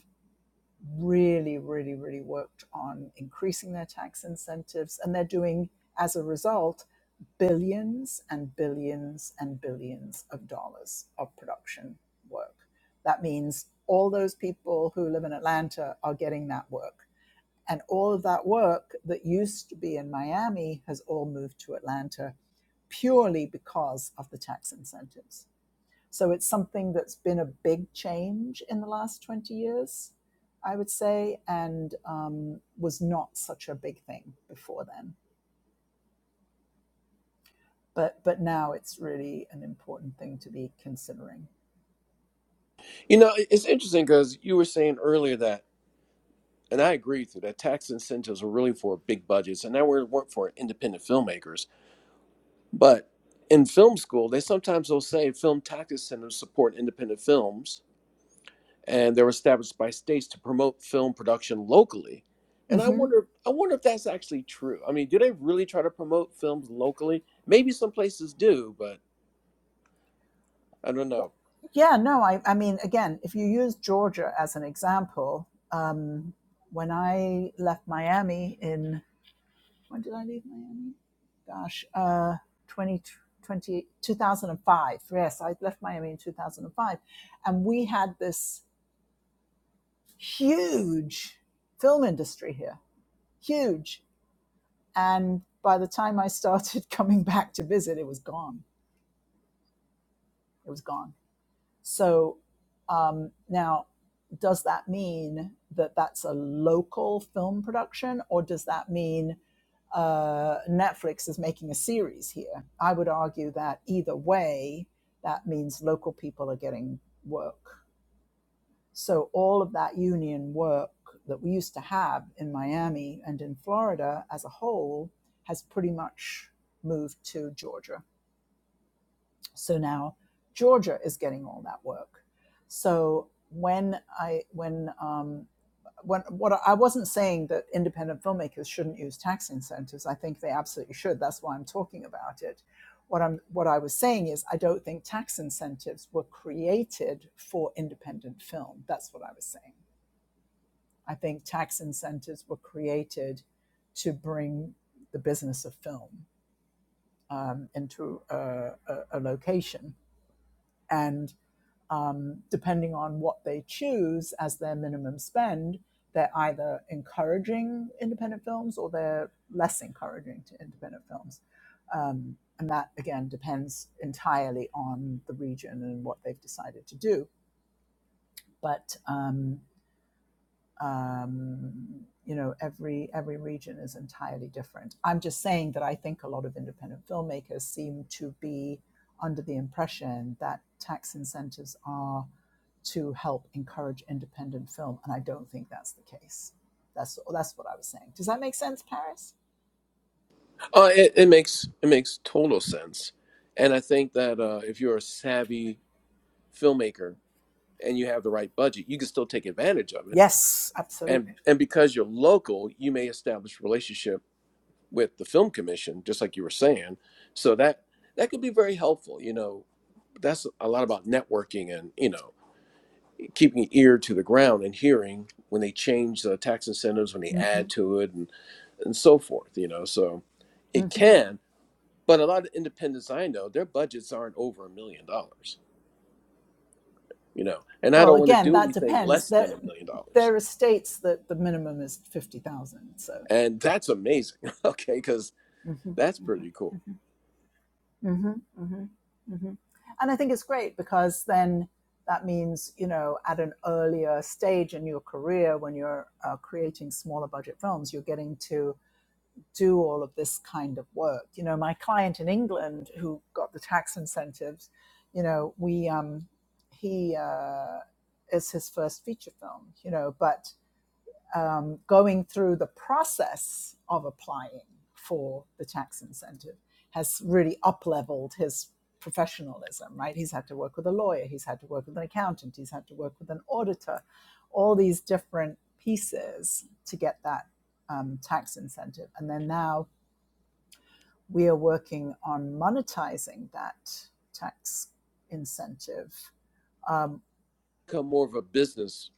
Speaker 1: really, really, really worked on increasing their tax incentives. And they're doing, as a result, billions and billions and billions of dollars of production work. That means all those people who live in Atlanta are getting that work. And all of that work that used to be in Miami has all moved to Atlanta purely because of the tax incentives. So it's something that's been a big change in the last 20 years, I would say, and um, was not such a big thing before then but but now it's really an important thing to be considering.
Speaker 2: You know, it- it's interesting because you were saying earlier that, and I agree with you, that tax incentives were really for big budgets, and now we're work for independent filmmakers. But in film school, they sometimes will say film tax incentives support independent films, and they were established by states to promote film production locally. And I
Speaker 1: Mm-hmm.
Speaker 2: wonder, I wonder if that's actually true. I mean, do they really try to promote films locally? Maybe some places do, but I don't know.
Speaker 1: Yeah, no, I, I mean, again, if you use Georgia as an example, um, when I left Miami in, when did I leave Miami? Gosh, uh, 20, twenty, two thousand five. Yes, I left Miami in 2005. And five. And we had this huge film industry here, huge. And by the time I started coming back to visit, it was gone. It was gone So um, now, does that mean that that's a local film production, or does that mean uh, Netflix is making a series here? I would argue that either way, that means local people are getting work. So all of that union work that we used to have in Miami and in Florida as a whole has pretty much moved to Georgia. So now Georgia is getting all that work. So when I when um, when what I wasn't saying that independent filmmakers shouldn't use tax incentives. I think they absolutely should. That's why I'm talking about it. What I'm what I was saying is I don't think tax incentives were created for independent film. That's what I was saying. I think tax incentives were created to bring the business of film um, into a, a, a location. And um, depending on what they choose as their minimum spend, they're either encouraging independent films or they're less encouraging to independent films. Um, and that, again, depends entirely on the region and what they've decided to do. But um, um, you know every every region is entirely different i'm just saying that i think a lot of independent filmmakers seem to be under the impression that tax incentives are to help encourage independent film and i don't think that's the case that's that's what i was saying does that make sense paris
Speaker 2: Uh, it, it makes it makes total sense, and I think that uh, if you're a savvy filmmaker and you have the right budget, you can still take advantage of it.
Speaker 1: Yes,
Speaker 2: And
Speaker 1: absolutely.
Speaker 2: and because you're local, you may establish relationships with the film commission, just like you were saying. So that that could be very helpful. You know, that's a lot about networking and you know keeping an ear to the ground and hearing when they change the tax incentives, when they
Speaker 1: hmm
Speaker 2: add to it, and and so forth. You know, so it
Speaker 1: hmm
Speaker 2: can. But a lot of independents I know, their budgets aren't over a million dollars. You know, and I
Speaker 1: Well,
Speaker 2: don't want to
Speaker 1: again,
Speaker 2: do
Speaker 1: that
Speaker 2: anything
Speaker 1: depends.
Speaker 2: less
Speaker 1: There,
Speaker 2: than a million dollars,
Speaker 1: there are states that the minimum is fifty thousand. So,
Speaker 2: and that's amazing. Okay, because
Speaker 1: Mm-hmm.
Speaker 2: that's pretty cool.
Speaker 1: hmm hmm hmm And I think it's great because then that means, you know, at an earlier stage in your career, when you're uh, creating smaller budget films, you're getting to do all of this kind of work. You know, my client in England who got the tax incentives, you know, we, um, he, uh, it's his first feature film, you know, but um, going through the process of applying for the tax incentive has really up leveled his professionalism, right? He's had to work with a lawyer, he's had to work with an accountant, he's had to work with an auditor, all these different pieces to get that um, tax incentive. And then now we are working on monetizing that tax incentive. Um,
Speaker 2: Become more of a business,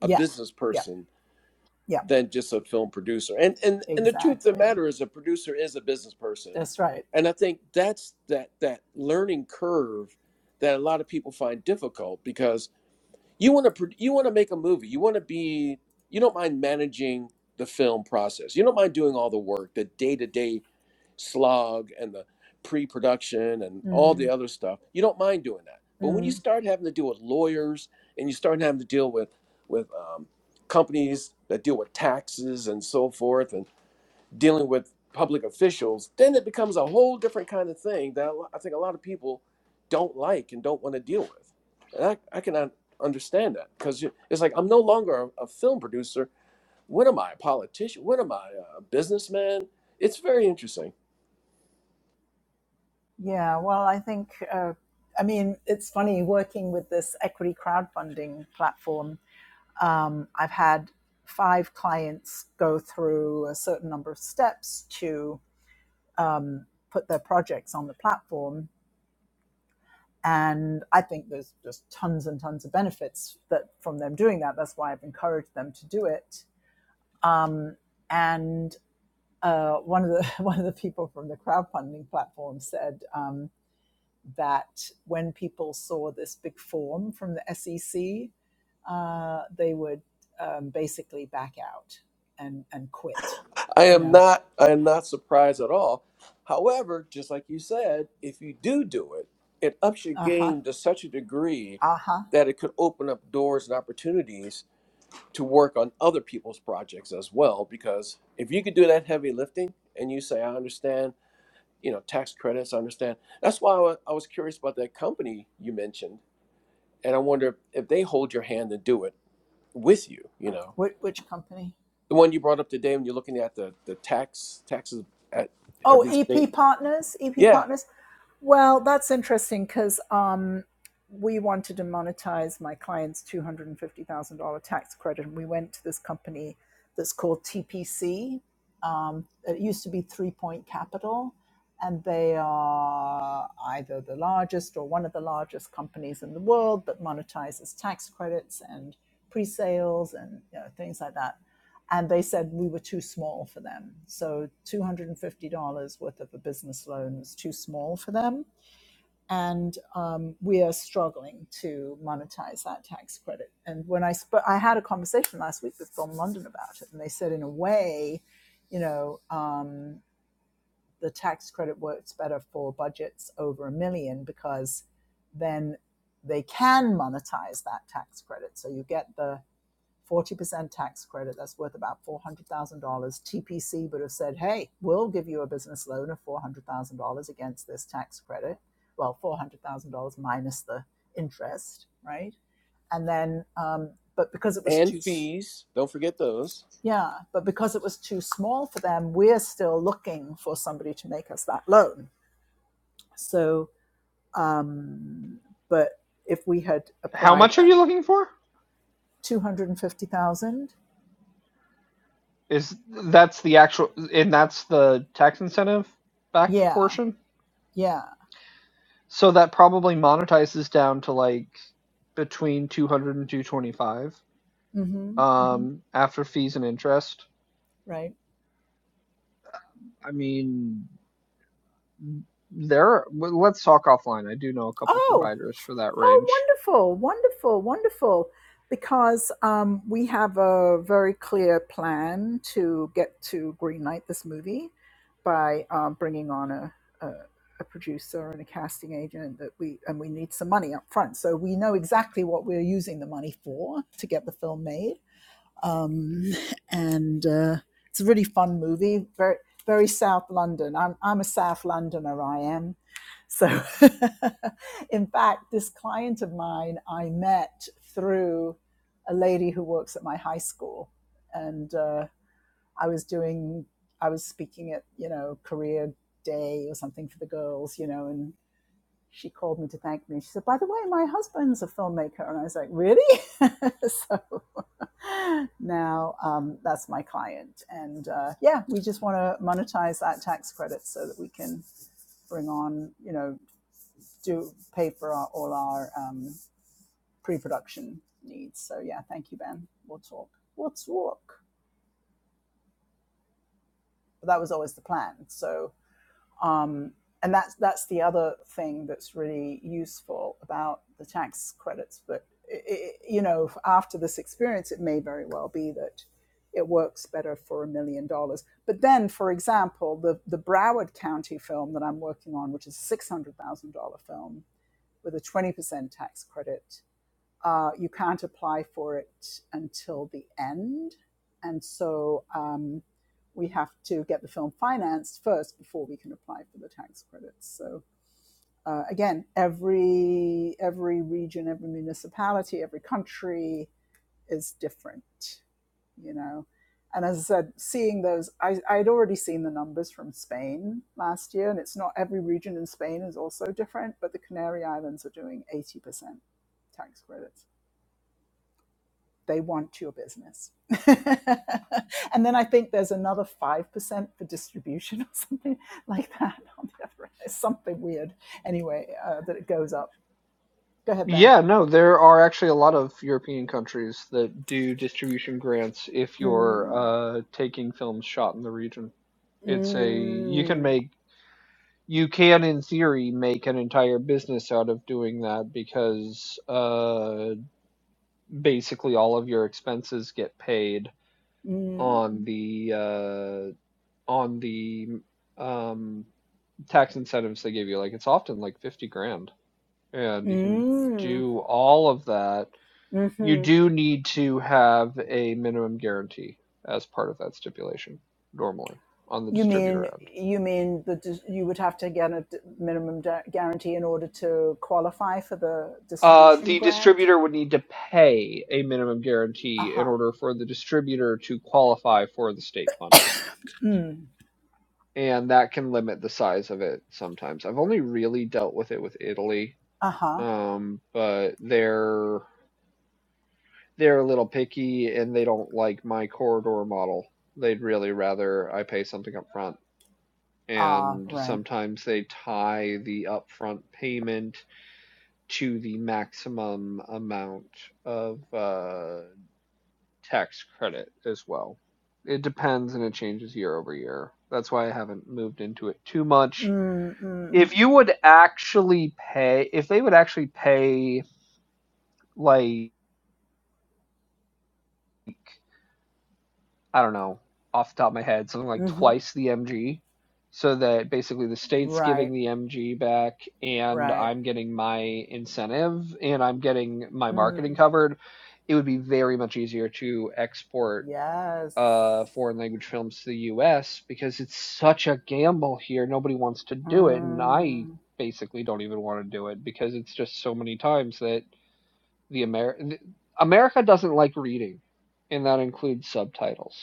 Speaker 2: a
Speaker 1: yeah,
Speaker 2: business
Speaker 1: yeah,
Speaker 2: person
Speaker 1: yeah,
Speaker 2: than just a film producer. And and and the truth of the
Speaker 1: exactly.
Speaker 2: matter is, a producer is a business person,
Speaker 1: That's right.
Speaker 2: and I think that's that that learning curve that a lot of people find difficult because you want to you want to make a movie, you want to be you don't mind managing the film process, you don't mind doing all the work, the day to day slog and the pre-production and all
Speaker 1: Mm,
Speaker 2: the other stuff you don't mind doing that but when
Speaker 1: mm.
Speaker 2: you start having to deal with lawyers and you start having to deal with with um, companies that deal with taxes and so forth and dealing with public officials then it becomes a whole different kind of thing that i think a lot of people don't like and don't want to deal with and i, I cannot understand that because it's like i'm no longer a, a film producer what am i a politician what am i a businessman it's very interesting
Speaker 1: Yeah, well, I think, uh, I mean, it's funny working with this equity crowdfunding platform. Um, I've had five clients go through a certain number of steps to um, put their projects on the platform. And I think there's just tons and tons of benefits that from them doing that. That's why I've encouraged them to do it. Um, and uh, one of the one of the people from the crowdfunding platform said, um, that when people saw this big form from the SEC, uh, they would um, basically back out and, and quit.
Speaker 2: I
Speaker 1: You
Speaker 2: am
Speaker 1: know,
Speaker 2: not I am not surprised at all. However, just like you said, if you do do it, it ups your
Speaker 1: uh huh,
Speaker 2: game to such a degree
Speaker 1: uh huh.
Speaker 2: that it could open up doors and opportunities to work on other people's projects as well because if you could do that heavy lifting and you say I understand, you know, tax credits, I understand. That's why I wa- I was curious about that company you mentioned and I wonder if they hold your hand and do it with you, you know.
Speaker 1: Which, which company?
Speaker 2: The one you brought up today when you're looking at the, the tax taxes at
Speaker 1: Oh,
Speaker 2: every state.
Speaker 1: EP partners, EP
Speaker 2: Yeah.
Speaker 1: partners. Well, that's interesting because um, we wanted to monetize my client's two hundred and fifty thousand dollar tax credit, and we went to this company that's called TPC. Um, it used to be Three Point Capital, and they are either the largest or one of the largest companies in the world that monetizes tax credits and pre-sales and you know, things like that and they said we were too small for them. So $250 worth of a business loan was too small for them. And um, we are struggling to monetize that tax credit. And when I spoke, I had a conversation last week with Don London about it, and they said, in a way, you know, um, the tax credit works better for budgets over a million because then they can monetize that tax credit. So you get the 40% tax credit that's worth about $400,000 TPC would have said hey we'll give you a business loan of $400,000 against this tax credit well $400,000 minus the interest right and then um, but because it was
Speaker 2: And
Speaker 1: too
Speaker 2: fees. Don't forget those.
Speaker 1: yeah but because it was too small for them we're still looking for somebody to make us that loan so um, but if we had
Speaker 4: How
Speaker 1: applied
Speaker 4: much are
Speaker 1: at
Speaker 4: you looking for?
Speaker 1: 250,000
Speaker 4: Is that's the actual and that's the tax incentive backed
Speaker 1: yeah
Speaker 4: portion?
Speaker 1: yeah
Speaker 4: So that probably monetizes down to like between two hundred and two twenty five.
Speaker 1: hmm
Speaker 4: um after fees and interest.
Speaker 1: Right.
Speaker 4: I mean There, w- let's talk offline. I do know a couple
Speaker 1: Oh,
Speaker 4: providers for that
Speaker 1: oh,
Speaker 4: range.
Speaker 1: wonderful, wonderful, wonderful. Because um, we have a very clear plan to get to greenlight this movie by um, bringing on a, a, a producer and a casting agent that we and we need some money up front. So we know exactly what we're using the money for to get the film made. um, and uh, it's a really fun movie. Very very South London. I'm I'm a South Londoner. I am. So, in fact, this client of mine I met through a lady who works at my high school, and uh, I was doing I was speaking at you know career day or something for the girls, you know, and she called me to thank me. She said, "By the way, my husband's a filmmaker," and I was like, "Really?" so now um, that's my client, and uh, yeah, we just want to monetize that tax credit so that we can bring on, you know, do pay for our, all our um, pre-production needs. So yeah, thank you, Ben. We'll talk. We'll talk. But that was always the plan. So Um, and that's that's the other thing that's really useful about the tax credits. But i i you know, after this experience, it may very well be that it works better for a million dollars. But then, for example, the the Broward County film that I'm working on, which is a six hundred thousand dollar film with a twenty percent tax credit, uh, you can't apply for it until the end. And so um, we have to get the film financed first before we can apply for the tax credits. So uh, again, every every region, every municipality, every country is different, you know. And as I said, seeing those, I, I'd already seen the numbers from Spain last year, and it's not every region in Spain is also different, but the Canary Islands are doing 80% tax credits they want your business. and then I think there's another 5% for distribution or something like that on the other end. It's something weird. Anyway, uh, that it goes up. Go ahead, Ben.
Speaker 4: Yeah, no, there are actually a lot of European countries that do distribution grants if you're
Speaker 1: Mm,
Speaker 4: uh, taking films shot in the region. It's a you can
Speaker 1: mm,
Speaker 4: make you can in theory make an entire business out of doing that because uh, basically all of your expenses get paid on
Speaker 1: mm,
Speaker 4: the uh, on the um tax incentives they give you. Like it's often like 50 grand, and you can
Speaker 1: mm,
Speaker 4: do all of that. You
Speaker 1: hmm
Speaker 4: do need to have a minimum guarantee as part of that stipulation normally on the
Speaker 1: You mean
Speaker 4: distributor end.
Speaker 1: you mean that you would have to get a minimum guarantee in order to qualify for the
Speaker 4: Uh,
Speaker 1: distribution
Speaker 4: the
Speaker 1: grant?
Speaker 4: distributor would need to pay a minimum
Speaker 1: Uh
Speaker 4: guarantee in
Speaker 1: huh.
Speaker 4: order for the distributor to qualify for the state funding.
Speaker 1: Mm,
Speaker 4: And that can limit the size of it sometimes. I've only really dealt with it with Italy,
Speaker 1: uh huh.
Speaker 4: um, but they're they're a little picky and they don't like my corridor model. They'd really rather I pay something up front.
Speaker 1: Ah,
Speaker 4: And
Speaker 1: right.
Speaker 4: sometimes they tie the upfront payment to the maximum amount of uh, tax credit as well. It depends and it changes year over year. That's why I haven't moved into it too much.
Speaker 1: Mm-mm.
Speaker 4: If you would actually pay, if they would actually pay like I don't know, off the top of my head, something like
Speaker 1: hmm
Speaker 4: twice the MG. So that basically the state's giving
Speaker 1: Right,
Speaker 4: the MG back and
Speaker 1: right.
Speaker 4: I'm getting my incentive and I'm getting my marketing
Speaker 1: Mm,
Speaker 4: covered. It would be very much easier to export
Speaker 1: yes.
Speaker 4: uh, foreign language films to the US because it's such a gamble here. Nobody wants to do it. And I
Speaker 1: Mm.
Speaker 4: basically don't even want to do it because it's just so many times that the Amer- America doesn't like reading, and that includes subtitles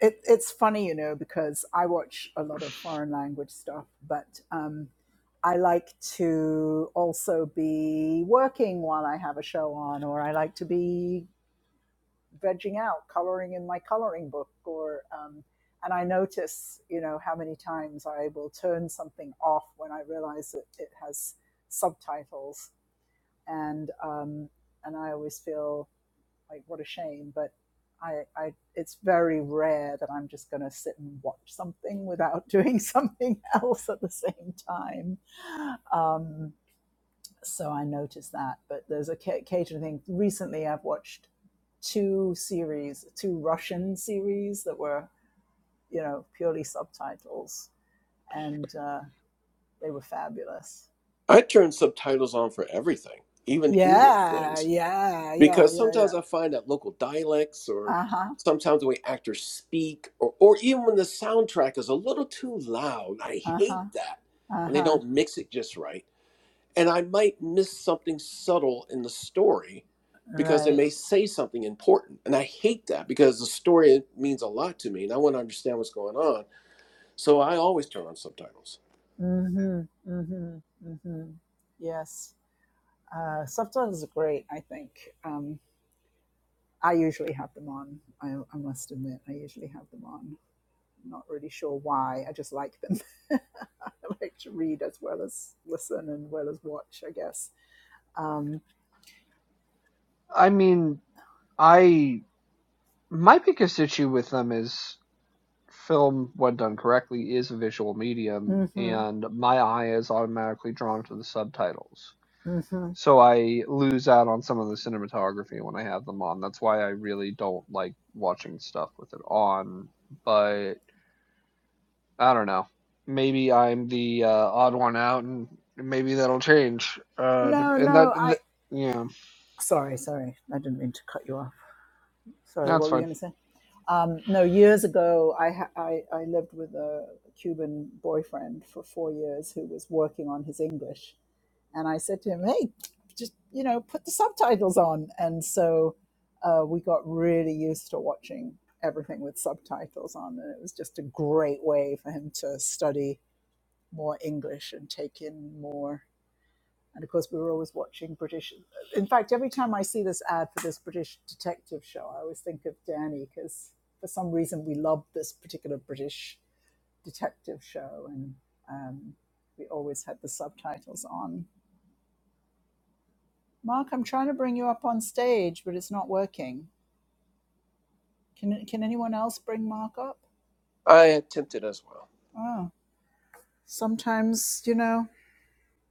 Speaker 1: It, it's funny, you know, because I watch a lot of foreign language stuff, but um, I like to also be working while I have a show on, or I like to be vegging out, coloring in my coloring book, or um, and I notice, you know, how many times I will turn something off when I realize that it has subtitles and um, and I always feel like what a shame, but I, I it's very rare that I'm just going to sit and watch something without doing something else at the same time. Um, so I noticed that, but there's a ca- occasional thing. Recently, I've watched two series, two Russian series that were you know purely subtitles, and uh, they were fabulous.
Speaker 2: I turn subtitles on for everything, even English
Speaker 1: Yeah,
Speaker 2: things.
Speaker 1: yeah, yeah,
Speaker 2: Because
Speaker 1: yeah, yeah.
Speaker 2: sometimes I find that local dialects or
Speaker 1: Uh huh.
Speaker 2: sometimes the way actors speak or, or even when the soundtrack is a little too loud. I
Speaker 1: Uh huh.
Speaker 2: hate that.
Speaker 1: Uh
Speaker 2: When they
Speaker 1: huh.
Speaker 2: don't mix it just right. And I might miss something subtle in the story because it
Speaker 1: Right.
Speaker 2: may say something important. And I hate that because the story means a lot to me and I want to understand what's going on. So I always turn on subtitles.
Speaker 1: Mhm. Mhm. Mhm. Yes. Uh, subtitles are great. I think. Um, I usually have them on. I, I must admit, I usually have them on. I'm not really sure why. I just like them. I like to read as well as listen and well as watch. I guess. Um,
Speaker 4: I mean, I my biggest issue with them is film, when done correctly, is a visual medium,
Speaker 1: mhm.
Speaker 4: and my eye is automatically drawn to the subtitles.
Speaker 1: Mhm.
Speaker 4: So I lose out on some of the cinematography when I have them on. That's why I really don't like watching stuff with it on. But I don't know. Maybe I'm the uh, odd one out, and maybe that'll change. Uh,
Speaker 1: No.
Speaker 4: and that,
Speaker 1: No. I.
Speaker 4: th- yeah,
Speaker 1: Sorry. Sorry. I didn't mean to cut you off. sorry,
Speaker 4: that's
Speaker 1: what were you
Speaker 4: fine.
Speaker 1: going to say? Um, no, years ago, I, ha- I I lived with a Cuban boyfriend for four years who was working on his English, and I said to him, "Hey, just you know, put the subtitles on." And so uh, we got really used to watching everything with subtitles on, and it was just a great way for him to study more English and take in more. And of course, we were always watching British. In fact, every time I see this ad for this British detective show, I always think of Danny because for some reason we loved this particular British detective show, and um, we always had the subtitles on. Mark, I'm trying to bring you up on stage, but it's not working. Can can anyone else bring Mark up?
Speaker 2: I attempt it as well.
Speaker 1: Oh, sometimes you know,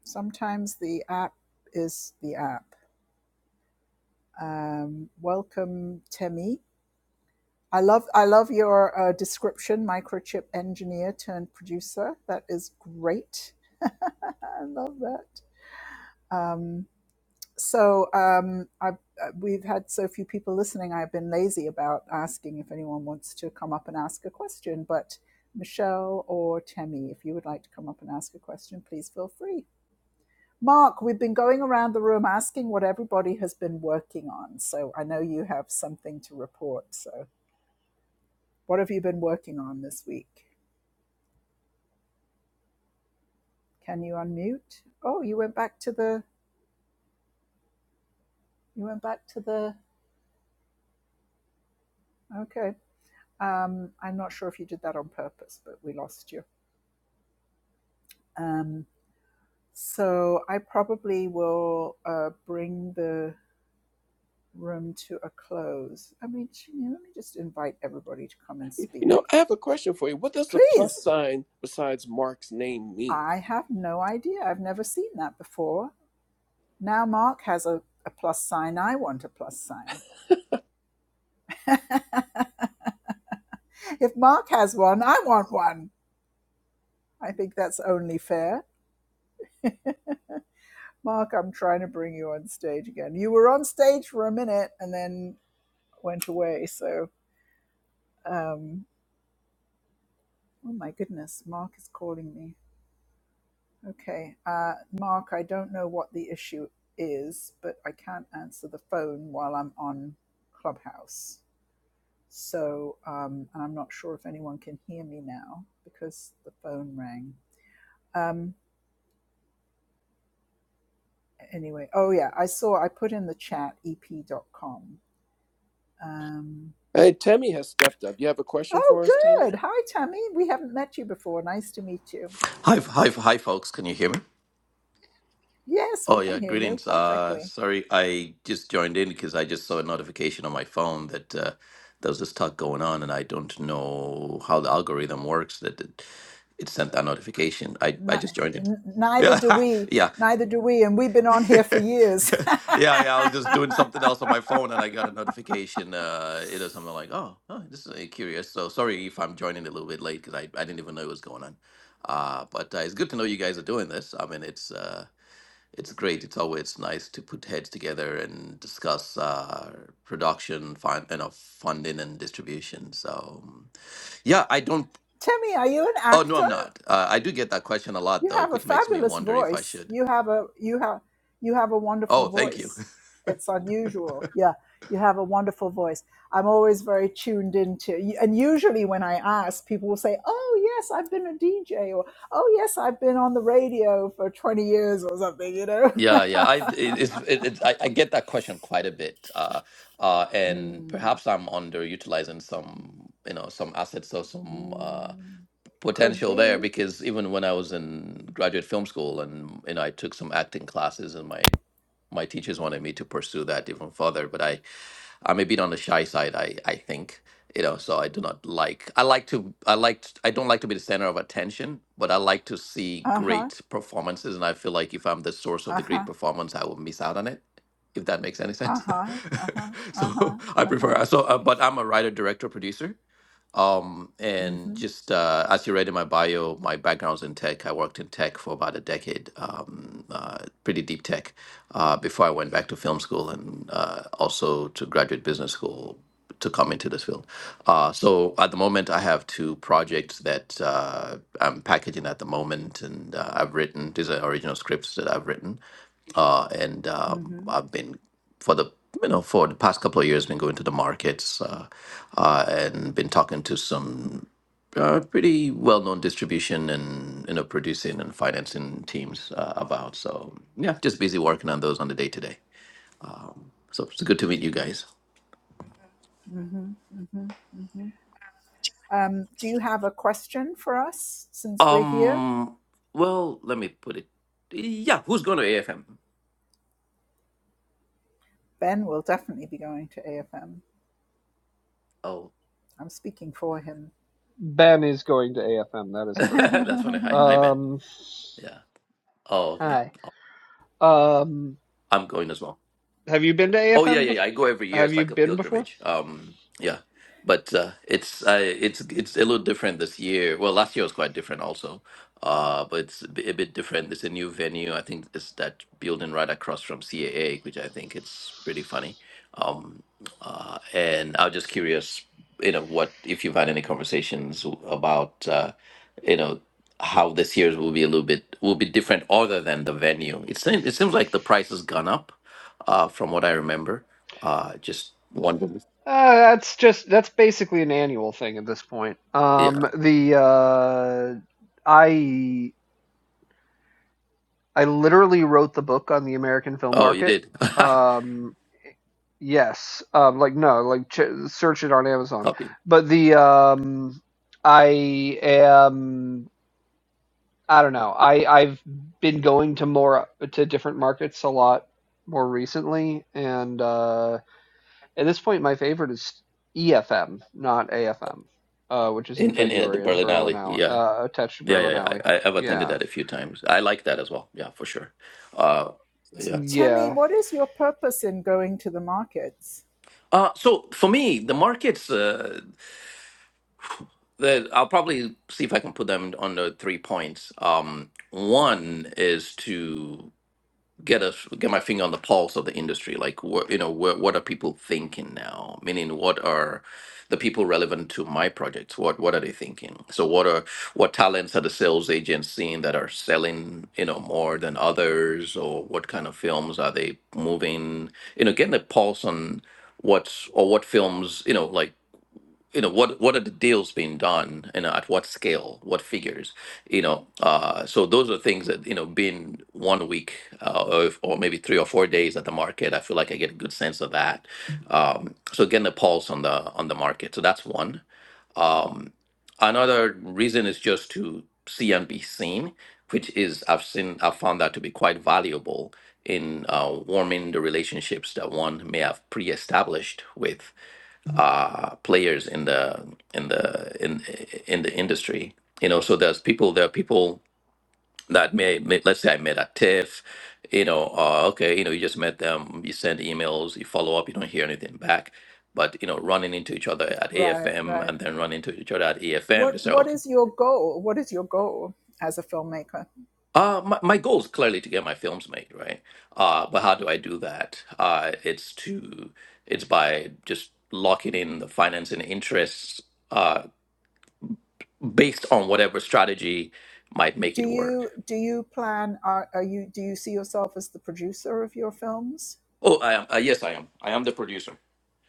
Speaker 1: sometimes the app is the app. Um, welcome, Temi. I love I love your uh, description, microchip engineer turned producer. That is great. I love that. Um, so um, I've, uh, we've had so few people listening. I've been lazy about asking if anyone wants to come up and ask a question. But Michelle or Temi, if you would like to come up and ask a question, please feel free. Mark, we've been going around the room asking what everybody has been working on. So I know you have something to report. So what have you been working on this week? Can you unmute? Oh, you went back to the. You went back to the. Okay. Um, I'm not sure if you did that on purpose, but we lost you. Um, so I probably will uh, bring the room to a close. I mean, let me just invite everybody to come and
Speaker 2: You
Speaker 1: speak,
Speaker 2: know, I have a question for you. What does the plus
Speaker 1: please.
Speaker 2: sign besides Mark's name mean?
Speaker 1: I have no idea. I've never seen that before. Now Mark has a, a plus sign. I want a plus sign. if Mark has one, I want one. I think that's only fair. Mark, I'm trying to bring you on stage again. You were on stage for a minute and then went away. So, um, oh my goodness, Mark is calling me. Okay, uh, Mark, I don't know what the issue is, but I can't answer the phone while I'm on Clubhouse. So, um, and I'm not sure if anyone can hear me now because the phone rang. Um, anyway, oh yeah, I saw I put in the chat ep ep.com. Um,
Speaker 2: Hey, Tammy has stepped up. You have a question
Speaker 1: Oh,
Speaker 2: for us, Tammy?
Speaker 1: good. Hi, Tammy. We haven't met you before. Nice to meet you.
Speaker 6: Hi, hi, hi, folks. Can you hear me?
Speaker 1: Yes, we
Speaker 6: Oh,
Speaker 1: can
Speaker 6: yeah.
Speaker 1: hear you
Speaker 6: Greetings. Uh,
Speaker 1: perfectly.
Speaker 6: sorry, I just joined in because I just saw a notification on my phone that uh, there was this talk going on, and I don't know how the algorithm works that it, it sent that notification. I,
Speaker 1: Ni-
Speaker 6: I just joined in.
Speaker 1: n- neither
Speaker 6: Yeah,
Speaker 1: do we.
Speaker 6: yeah.
Speaker 1: Neither do we. And we've been on here for years.
Speaker 6: yeah, yeah. I was just doing something else on my phone, and I got a notification. Uh, you know, something like, "Oh, oh this is uh, curious." So sorry if I'm joining a little bit late because I, I didn't even know it was going on. Uh, but uh, it's good to know you guys are doing this. I mean, it's uh, it's great. It's always nice to put heads together and discuss uh, production, fun, you know, funding and distribution. So um, yeah, I don't.
Speaker 1: Tammy, are you an
Speaker 6: Oh no,
Speaker 1: actor?
Speaker 6: I'm not. Uh, I do get that question a lot
Speaker 1: You
Speaker 6: though,
Speaker 1: have a
Speaker 6: which makes me
Speaker 1: fabulous
Speaker 6: wonder if I
Speaker 1: voice.
Speaker 6: should.
Speaker 1: You have a you have you have a wonderful
Speaker 6: Oh, thank you.
Speaker 1: voice. It's unusual. Yeah, you have a wonderful voice. I'm always very tuned into. And usually when I ask, people will say, "Oh yes, I've been a DJ," or "Oh yes, I've been on the radio for 20 years," or something. You know.
Speaker 6: Yeah, yeah. I it, it's it, it, I, I get that question quite a bit, uh, uh, and
Speaker 1: Hmm.
Speaker 6: perhaps I'm underutilizing some, you know, some assets or some uh,
Speaker 1: Hmm. Could
Speaker 6: potential there
Speaker 1: be.
Speaker 6: because even when I was in graduate film school and you know I took some acting classes and my my teachers wanted me to pursue that even further, but I I'm a bit on the shy side, I I think. You know, so I do not like. I like to. I like. t- I don't like to be the center of attention, but I like to see
Speaker 1: Uh huh.
Speaker 6: great performances, and I feel like if I'm the source of
Speaker 1: Uh
Speaker 6: the great
Speaker 1: huh.
Speaker 6: performance, I will miss out on it. If that makes any
Speaker 1: Uh
Speaker 6: sense.
Speaker 1: huh. Uh huh. Uh huh.
Speaker 6: so I
Speaker 1: Uh huh.
Speaker 6: prefer. So, uh, but I'm a writer, director, producer, um,
Speaker 1: Mm
Speaker 6: and
Speaker 1: hmm.
Speaker 6: just uh, as you read in my bio, my background's in tech. I worked in tech for about a decade, um, uh, pretty deep tech, uh, before I went back to film school and uh, also to graduate business school to come into this field. Uh, so at the moment, I have two projects that uh, I'm packaging at the moment, and uh, I've written these are original scripts that I've written, uh, and um,
Speaker 1: Mm
Speaker 6: I've been for the you know for the past couple of years been going to the markets uh, uh, and been talking to some uh, pretty well-known distribution and you know producing and financing teams uh, about so yeah just busy working on those on the day to day so it's good to meet you
Speaker 1: hmm.
Speaker 6: guys
Speaker 1: hmm hmm hmm Um, do you have a question for us since we're here?
Speaker 6: um well let me put it yeah who's going to afm
Speaker 1: Ben will definitely be going to AFM.
Speaker 6: oh
Speaker 1: I'm speaking for him.
Speaker 4: Ben is going to AFM. That is correct.
Speaker 6: that's funny hi hi ben
Speaker 4: Um,
Speaker 6: yeah oh okay
Speaker 4: hi. Um,
Speaker 6: i'm going as well
Speaker 4: have you been to
Speaker 6: Oh yeah,
Speaker 4: AFM?
Speaker 6: yeah,
Speaker 4: Bef-
Speaker 6: yeah. I go every year.
Speaker 4: have
Speaker 6: It's
Speaker 4: you
Speaker 6: like a
Speaker 4: been before?
Speaker 6: pilgrimage. Um, yeah, but uh, it's uh, it's it's a little different this year. Well, last year was quite different also, uh, but it's a bit, a bit different. It's a new venue. I think it's that building right across from CAA, which I think it's pretty funny. Um, uh, and I was just curious, you know, what if you've had any conversations about, uh, you know, how this year's will be a little bit will be different other than the venue. It seems it seems like the price has gone up, uh, from what I remember. Uh, just wondering.
Speaker 4: Uh, that's just that's basically an annual thing at this point.
Speaker 6: Yeah.
Speaker 4: Um, the uh, I I literally wrote the book on the American film
Speaker 6: Oh, you
Speaker 4: market.
Speaker 6: did.
Speaker 4: Um, yes. Um, like no, like ch- search it on Amazon.
Speaker 6: Copy.
Speaker 4: But the um, I am. I don't know. I I've been going to more to different markets a lot more recently, and uh, at this point, my favorite is EFM, not AFM, uh, which is in
Speaker 6: In, in in at the
Speaker 4: February in
Speaker 6: Berlin
Speaker 4: Berlin
Speaker 6: Alley.
Speaker 4: Alley,
Speaker 6: Yeah.
Speaker 4: uh, attached to
Speaker 6: Yeah, yeah,
Speaker 4: Berlin
Speaker 6: yeah.
Speaker 4: Alley.
Speaker 6: I, I- I've attended
Speaker 4: Yeah,
Speaker 6: that a few times. I like that as well. Yeah, for sure. Uh, yeah.
Speaker 1: Temi,
Speaker 4: yeah.
Speaker 1: what is your purpose in going to the markets?
Speaker 6: Uh, so for me, the markets. Uh, The, I'll probably see if I can put them on the three points. Um, one is to get us get my finger on the pulse of the industry. Like, what you know, what what are people thinking now? Meaning, what are the people relevant to my projects? What what are they thinking? So, what are what talents are the sales agents seeing that are selling you know more than others, or what kind of films are they moving? You know, getting a pulse on what's or what films you know like you know what what are the deals being done and at what scale what figures you know uh so those are things that you know being one week uh, or, if- or maybe three or four days at the market i feel like i get a good sense of that um so getting a pulse on the on the market so that's one um another reason is just to see and be seen which is i've seen i've found that to be quite valuable in uh, warming the relationships that one may have pre-established with uh, players in the in the in in the industry. You know, so there's people. There are people that may, may let's say I met at TIFF. You know, uh, okay, you know, you just met them. You send emails, you follow up, you don't hear anything back. But you know, running into each other at
Speaker 1: Right,
Speaker 6: AFM
Speaker 1: right.
Speaker 6: and then running into each other at EFM,
Speaker 1: What
Speaker 6: they say,
Speaker 1: what
Speaker 6: okay.
Speaker 1: is your goal? What is your goal as a filmmaker?
Speaker 6: Uh, my, my goal is clearly to get my films made, right? Uh, but how do I do that? Uh, it's to it's by just locking in the financing interests uh, based on whatever strategy might make
Speaker 1: Do
Speaker 6: it work.
Speaker 1: you do you plan are, are you do you see yourself as the producer of your films?
Speaker 6: Oh, I am. Uh, yes, I am. I am the producer.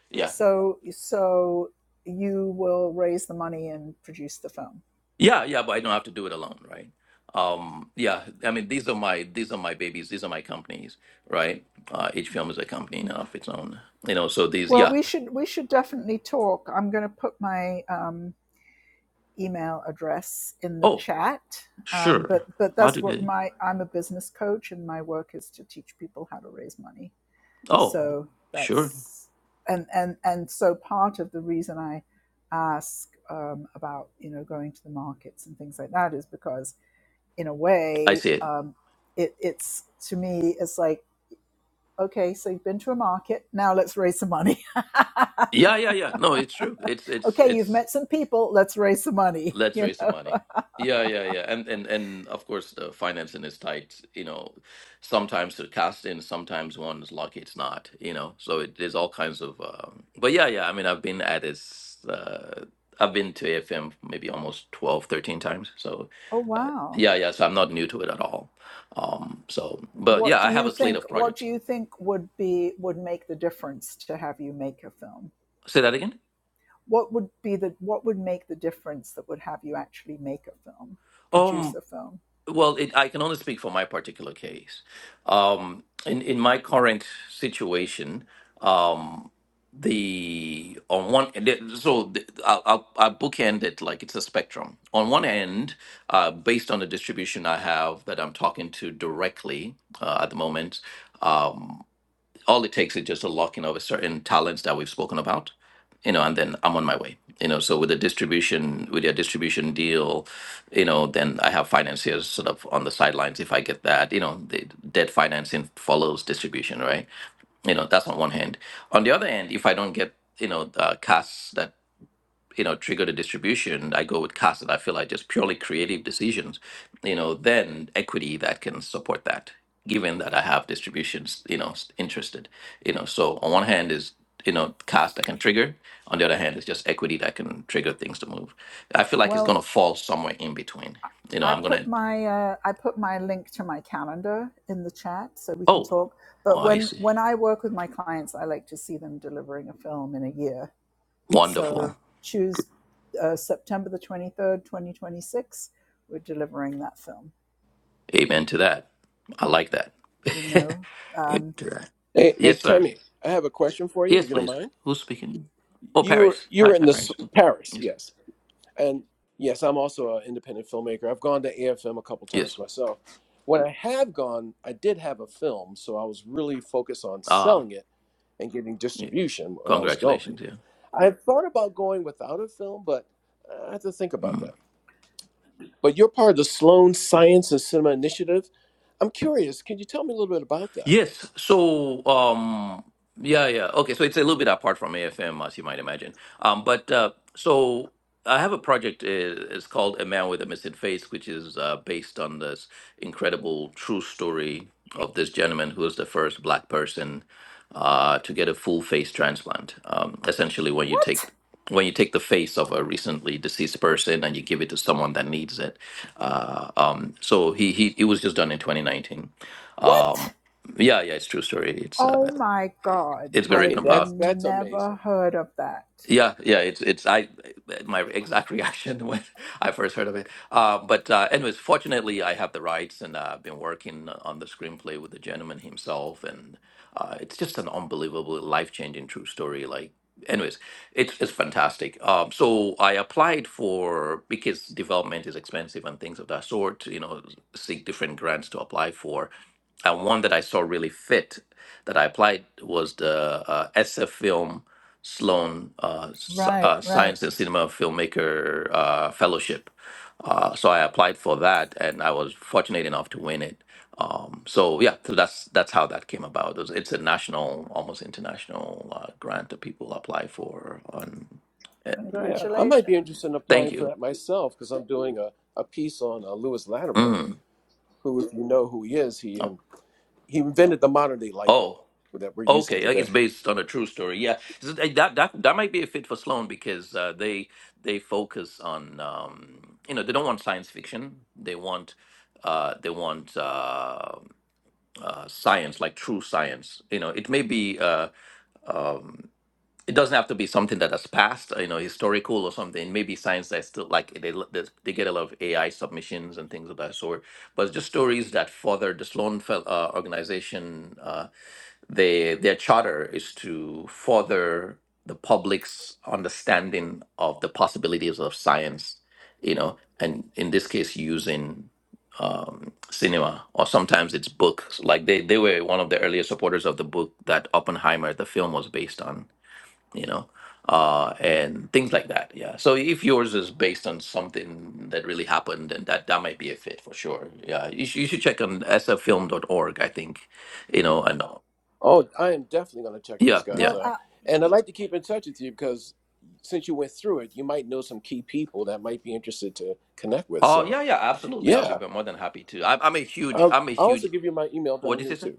Speaker 6: Yeah,
Speaker 1: so so you will raise the money and produce the film
Speaker 6: yeah, yeah. But I don't have to do it alone, right? Um, yeah. I mean, these are my these are my babies. These are my companies, right? Uh, each film is a company in- of its own, you know. So these,
Speaker 1: well
Speaker 6: yeah.
Speaker 1: we should we should definitely talk i'm going to put my um, email address in the
Speaker 6: Oh,
Speaker 1: chat um,
Speaker 6: sure.
Speaker 1: but but
Speaker 6: How
Speaker 1: that's
Speaker 6: did
Speaker 1: what
Speaker 6: they?
Speaker 1: my i'm a business coach and my work is to teach people how to raise money
Speaker 6: Oh,
Speaker 1: so
Speaker 6: sure.
Speaker 1: that's and and and so part of the reason i ask um, about you know going to the markets and things like that is because in a
Speaker 6: I
Speaker 1: way
Speaker 6: see it.
Speaker 1: um, it, it's to me it's like Okay, so you've been to a market. Now let's raise some money.
Speaker 6: Yeah, yeah, yeah. No, it's true. It's it's
Speaker 1: okay, you've
Speaker 6: it's
Speaker 1: met some people. Let's raise some money.
Speaker 6: Let's
Speaker 1: You
Speaker 6: raise some
Speaker 1: know,
Speaker 6: money. Yeah, yeah, yeah. And and and of course the financing is tight, you know. Sometimes the casting, sometimes one is lucky it's not, you know. So it, there's all kinds of um but yeah, yeah, I mean I've been at this uh I've been to AFM maybe almost 12, 13 times. So
Speaker 1: Oh
Speaker 6: uh,
Speaker 1: wow.
Speaker 6: yeah, yeah, so I'm not new to it at all. Um so but
Speaker 1: What
Speaker 6: yeah,
Speaker 1: do
Speaker 6: I have
Speaker 1: you
Speaker 6: a slate
Speaker 1: think
Speaker 6: of
Speaker 1: what do
Speaker 6: projects.
Speaker 1: you think would be would make the difference to have you make a film?
Speaker 6: Say that again?
Speaker 1: what would be the what would make the difference that would have you actually make a film
Speaker 6: Um.
Speaker 1: produce a film
Speaker 6: Well, it, I can only speak for my particular case. Um, in in my current situation, um, the on one the- so the, I'll, I'll, I'll bookend it like it's a spectrum. On one end, uh, based on the distribution I have that I'm talking to directly uh, at the moment. um, all it takes is just a locking of a certain talents that we've spoken about you know and then i'm on my way you know so with the distribution with your distribution deal you know then i have financiers sort of on the sidelines if i get that you know the debt financing follows distribution right you know that's on one hand on the other hand if i don't get you know uh, cash that you know trigger the distribution i go with costs that i feel are just purely creative decisions you know then equity that can support that given that i have distributions you know s- interested you know so on one hand is you know cost that can trigger on the other hand is just equity that can trigger things to move i feel like it's going
Speaker 1: well
Speaker 6: to fall somewhere in between you know
Speaker 1: I
Speaker 6: i'm going
Speaker 1: put
Speaker 6: to
Speaker 1: my uh, I put my link to my calendar in the chat so we can
Speaker 6: oh
Speaker 1: talk.
Speaker 6: oh,
Speaker 1: But
Speaker 6: i
Speaker 1: when
Speaker 6: see
Speaker 1: when I work with my clients, I like to see them delivering a film in a year.
Speaker 6: wonderful
Speaker 1: So choose uh, September the twenty third, twenty twenty six. We're delivering that film.
Speaker 6: amen to that i like that
Speaker 1: You know
Speaker 6: Amen
Speaker 1: um,
Speaker 6: to that.
Speaker 2: Hey, hey
Speaker 6: yes sir
Speaker 2: Tammy, I have a question for you, if
Speaker 6: Yes,
Speaker 2: you don't
Speaker 6: please.
Speaker 2: mind.
Speaker 6: Who's speaking? Oh,
Speaker 2: You were
Speaker 6: Paris.
Speaker 2: you were
Speaker 6: Hi,
Speaker 2: in
Speaker 6: hi,
Speaker 2: the s-
Speaker 6: Paris.
Speaker 2: Paris,
Speaker 6: Yes.
Speaker 2: yes. And yes, I'm also an independent filmmaker. I've gone to AFM a couple times
Speaker 6: Yes.
Speaker 2: myself. When I have gone, I did have a film, so I was really focused on
Speaker 6: Ah,
Speaker 2: selling it and getting
Speaker 6: yes.
Speaker 2: distribution when I was going.
Speaker 6: Congratulations. Yeah.
Speaker 2: I had thought about going without a film, but I have to think about
Speaker 6: Mm.
Speaker 2: that. But you're part of the Sloan Science and Cinema Initiative. I'm curious. Can you tell me a little bit about that?
Speaker 6: Yes. So, um, yeah, yeah. Okay. So it's a little bit apart from AFM, as you might imagine. Um, but uh, so I have a project. uh, It's called A Man with a Missing Face, which is uh, based on this incredible true story of this gentleman who was the first black person uh, to get a full face transplant. Um, essentially, when you take
Speaker 1: what?
Speaker 6: when you take the face of a recently deceased person and you give it to someone that needs it, uh, um, so he, he it was just done in 2019 um,
Speaker 1: What?
Speaker 6: yeah, yeah, it's true story. It's uh,
Speaker 1: Oh my God!
Speaker 6: it's been
Speaker 1: I
Speaker 6: written
Speaker 1: have
Speaker 2: Okay, that's
Speaker 6: about.
Speaker 2: that's
Speaker 1: never
Speaker 2: amazing.
Speaker 1: heard of that.
Speaker 6: Yeah, yeah, it's it's I my exact reaction when I first heard of it. Uh, but uh, anyways, fortunately, I have the rights, and uh, I've been working on the screenplay with the gentleman himself, and uh, it's just an unbelievable, life-changing true story. Like, anyways, it's it's fantastic. Um, so I applied for because development is expensive and things of that sort. You know, seek different grants to apply for, and one that I saw really fit that I applied was the uh, SF film. Sloan uh, S-
Speaker 1: Right,
Speaker 6: uh,
Speaker 1: right.
Speaker 6: Science and Cinema Filmmaker uh, Fellowship. Uh, so I applied for that, and I was fortunate enough to win it. Um, so yeah, so that's that's how that came about. It was- It's a national, almost international uh, grant that people apply for. On, eh,
Speaker 2: Yeah, I might be interested
Speaker 1: Congratulations.
Speaker 2: in applying
Speaker 6: thank
Speaker 2: for
Speaker 6: you.
Speaker 2: that myself because I'm doing a, a piece on uh, Lewis Latimer,
Speaker 6: Mm.
Speaker 2: who, if you know who he is, he in,
Speaker 6: Oh,
Speaker 2: he invented the modern day light bulb
Speaker 6: oh.
Speaker 2: that we're using
Speaker 6: Okay, uh, it's
Speaker 2: today.
Speaker 6: based on a true story. Yeah, So th- that that that might be a fit for Sloan because uh, they they focus on um, you know they don't want science fiction. They want uh, they want uh, uh, science like true science. You know, it may be uh, um, it doesn't have to be something that has passed. uh, You know, historical or something. Maybe science that's still like they l- they they get a lot of AI submissions and things of that sort. But just stories that further the Sloan fel- uh, organization. Uh, they, their charter is to further the public's understanding of the possibilities of science, you know, and in this case, using um, cinema or sometimes it's books. Like they, they were one of the earliest supporters of the book that Oppenheimer, the film, was based on, you know, uh, and things like that. Yeah. So if yours is based on something that really happened, then that, that might be a fit for sure. Yeah. You, should you should check on s f film dot org. I think, you know, and all.
Speaker 2: Oh, I am definitely going to check
Speaker 6: Yeah,
Speaker 2: those guys
Speaker 6: yeah.
Speaker 1: Well, I,
Speaker 2: out. And I'd like to keep in touch with you because since you went through it, you might know some key people that might be interested to connect with.
Speaker 6: Oh,
Speaker 2: So,
Speaker 6: yeah, yeah, absolutely. I'll be
Speaker 2: yeah,
Speaker 6: more than happy to. I, I'm a huge,
Speaker 2: I'll,
Speaker 6: I'm a
Speaker 2: I'll also
Speaker 6: huge,
Speaker 2: give you my email
Speaker 6: what
Speaker 2: down
Speaker 6: did
Speaker 2: here
Speaker 6: you say, sir?
Speaker 2: too.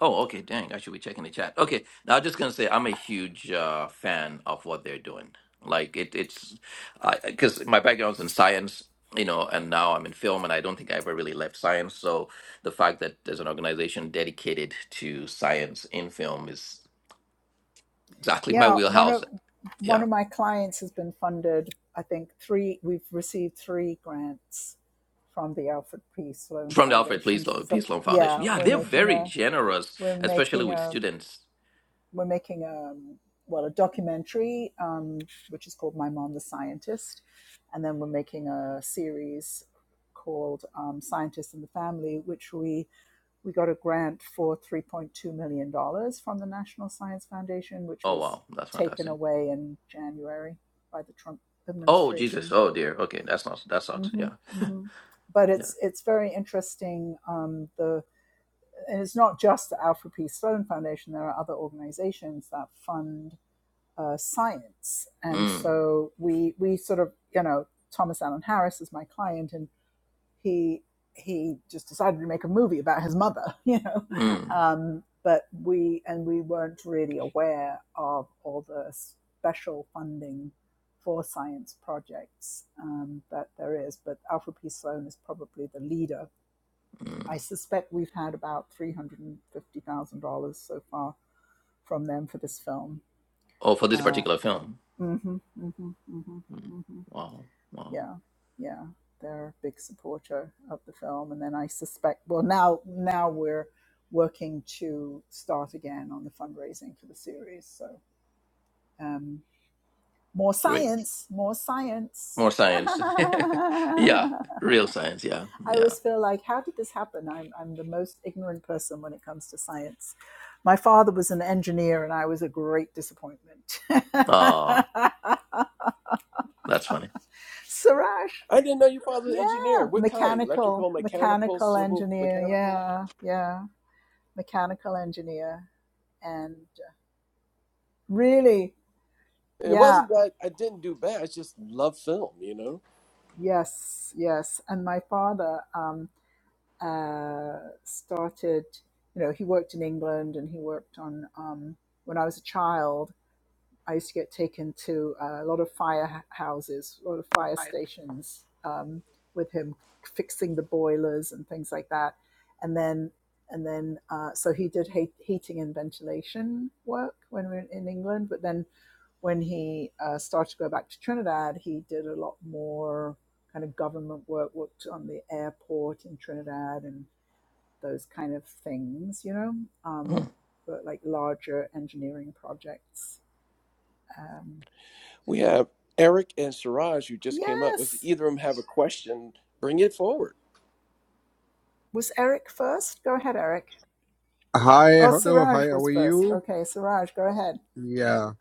Speaker 6: Oh, okay, dang. I should be checking the chat. Okay, now I'm just gonna say I'm a huge uh, fan of what they're doing. Like it, it's because my background's in science, you know, and now I'm in film, and I don't think I ever really left science. So the fact that there's an organization dedicated to science in film is exactly my
Speaker 1: Yeah, one
Speaker 6: wheelhouse.
Speaker 1: of one
Speaker 6: Yeah,
Speaker 1: of my clients has been funded. I think three. We've received three grants from the Alfred P. Sloan
Speaker 6: from the Alfred Peace
Speaker 1: Foundation.
Speaker 6: Sloan
Speaker 1: For,
Speaker 6: Peace Sloan Foundation.
Speaker 1: yeah,
Speaker 6: Yeah,
Speaker 1: we're
Speaker 6: they're
Speaker 1: making
Speaker 6: very
Speaker 1: a
Speaker 6: generous,
Speaker 1: we're
Speaker 6: especially
Speaker 1: making
Speaker 6: with
Speaker 1: a
Speaker 6: students.
Speaker 1: we're making a um, well a documentary um, which is called My Mom the Scientist, and then we're making a series called um, Scientist and the Family, which we we got a grant for $3.2 million dollars from the National Science Foundation, which
Speaker 6: Oh
Speaker 1: was
Speaker 6: wow, that's
Speaker 1: taken
Speaker 6: fantastic.
Speaker 1: away in January by the Trump
Speaker 6: Oh Jesus.
Speaker 1: administration.
Speaker 6: Oh dear. Okay, that's not that sucks.
Speaker 1: hmm
Speaker 6: Yeah.
Speaker 1: hmm But
Speaker 6: Yeah.
Speaker 1: it's it's very interesting. Um, the and it's not just the Alfred P. Sloan Foundation. There are other organizations that fund uh, science, and
Speaker 6: Mm.
Speaker 1: so we we sort of you know Thomas Allen Harris is my client, and he he just decided to make a movie about his mother, you know.
Speaker 6: Mm.
Speaker 1: Um, but we and we weren't really aware of all the special funding for science projects um, that there is. But Alfred P. Sloan is probably the leader. I
Speaker 6: Mm.
Speaker 1: suspect we've had about three hundred and fifty thousand dollars so far from them for this film.
Speaker 6: Oh, for this
Speaker 1: Uh,
Speaker 6: particular film.
Speaker 1: hmm hmm hmm
Speaker 6: Mm.
Speaker 1: hmm
Speaker 6: Wow. Wow.
Speaker 1: yeah, yeah, they're a big supporter of the film. And then I suspect, well, now now we're working to start again on the fundraising for the series. So um, more
Speaker 6: Great.
Speaker 1: science, more science.
Speaker 6: More science. yeah. Real science. Yeah.
Speaker 1: I
Speaker 6: Yeah.
Speaker 1: always feel like, how did this happen? I'm, I'm the most ignorant person when it comes to science. My father was an engineer, and I was a great disappointment.
Speaker 6: Ah, that's funny.
Speaker 1: Suraj.
Speaker 2: I didn't know your father's an
Speaker 1: Yeah,
Speaker 2: engineer. What kind?
Speaker 1: mechanical,
Speaker 2: Electrical, mechanical,
Speaker 1: mechanical
Speaker 2: civil,
Speaker 1: engineer.
Speaker 2: mechanical?
Speaker 1: Yeah, yeah, mechanical engineer. And really,
Speaker 2: It
Speaker 1: yeah,
Speaker 2: wasn't that I didn't do bad. I just love film, you know?
Speaker 1: yes, yes. And my father um, uh, started, you know, he worked in England and he worked on, um, when I was a child, I used to get taken to uh, a lot of firehouses, a lot of fire stations um, with him fixing the boilers and things like that. And then, and then, uh, so he did heat, heating and ventilation work when we were in England. But then, when he uh, started to go back to Trinidad, he did a lot more kind of government work, worked on the airport in Trinidad and those kind of things, you know,
Speaker 6: Hmm.
Speaker 1: um, but like larger engineering projects. Um,
Speaker 2: We have Eric and Siraj who just came up. If
Speaker 1: Yes.
Speaker 2: either of them have a question, bring it forward.
Speaker 1: Was Eric first? Go ahead, Eric.
Speaker 7: Hi,
Speaker 1: Oh,
Speaker 7: hello, hi,
Speaker 1: Siraj
Speaker 7: how
Speaker 1: was
Speaker 7: are
Speaker 1: first.
Speaker 7: you?
Speaker 1: Okay, Siraj, go ahead.
Speaker 7: Yeah.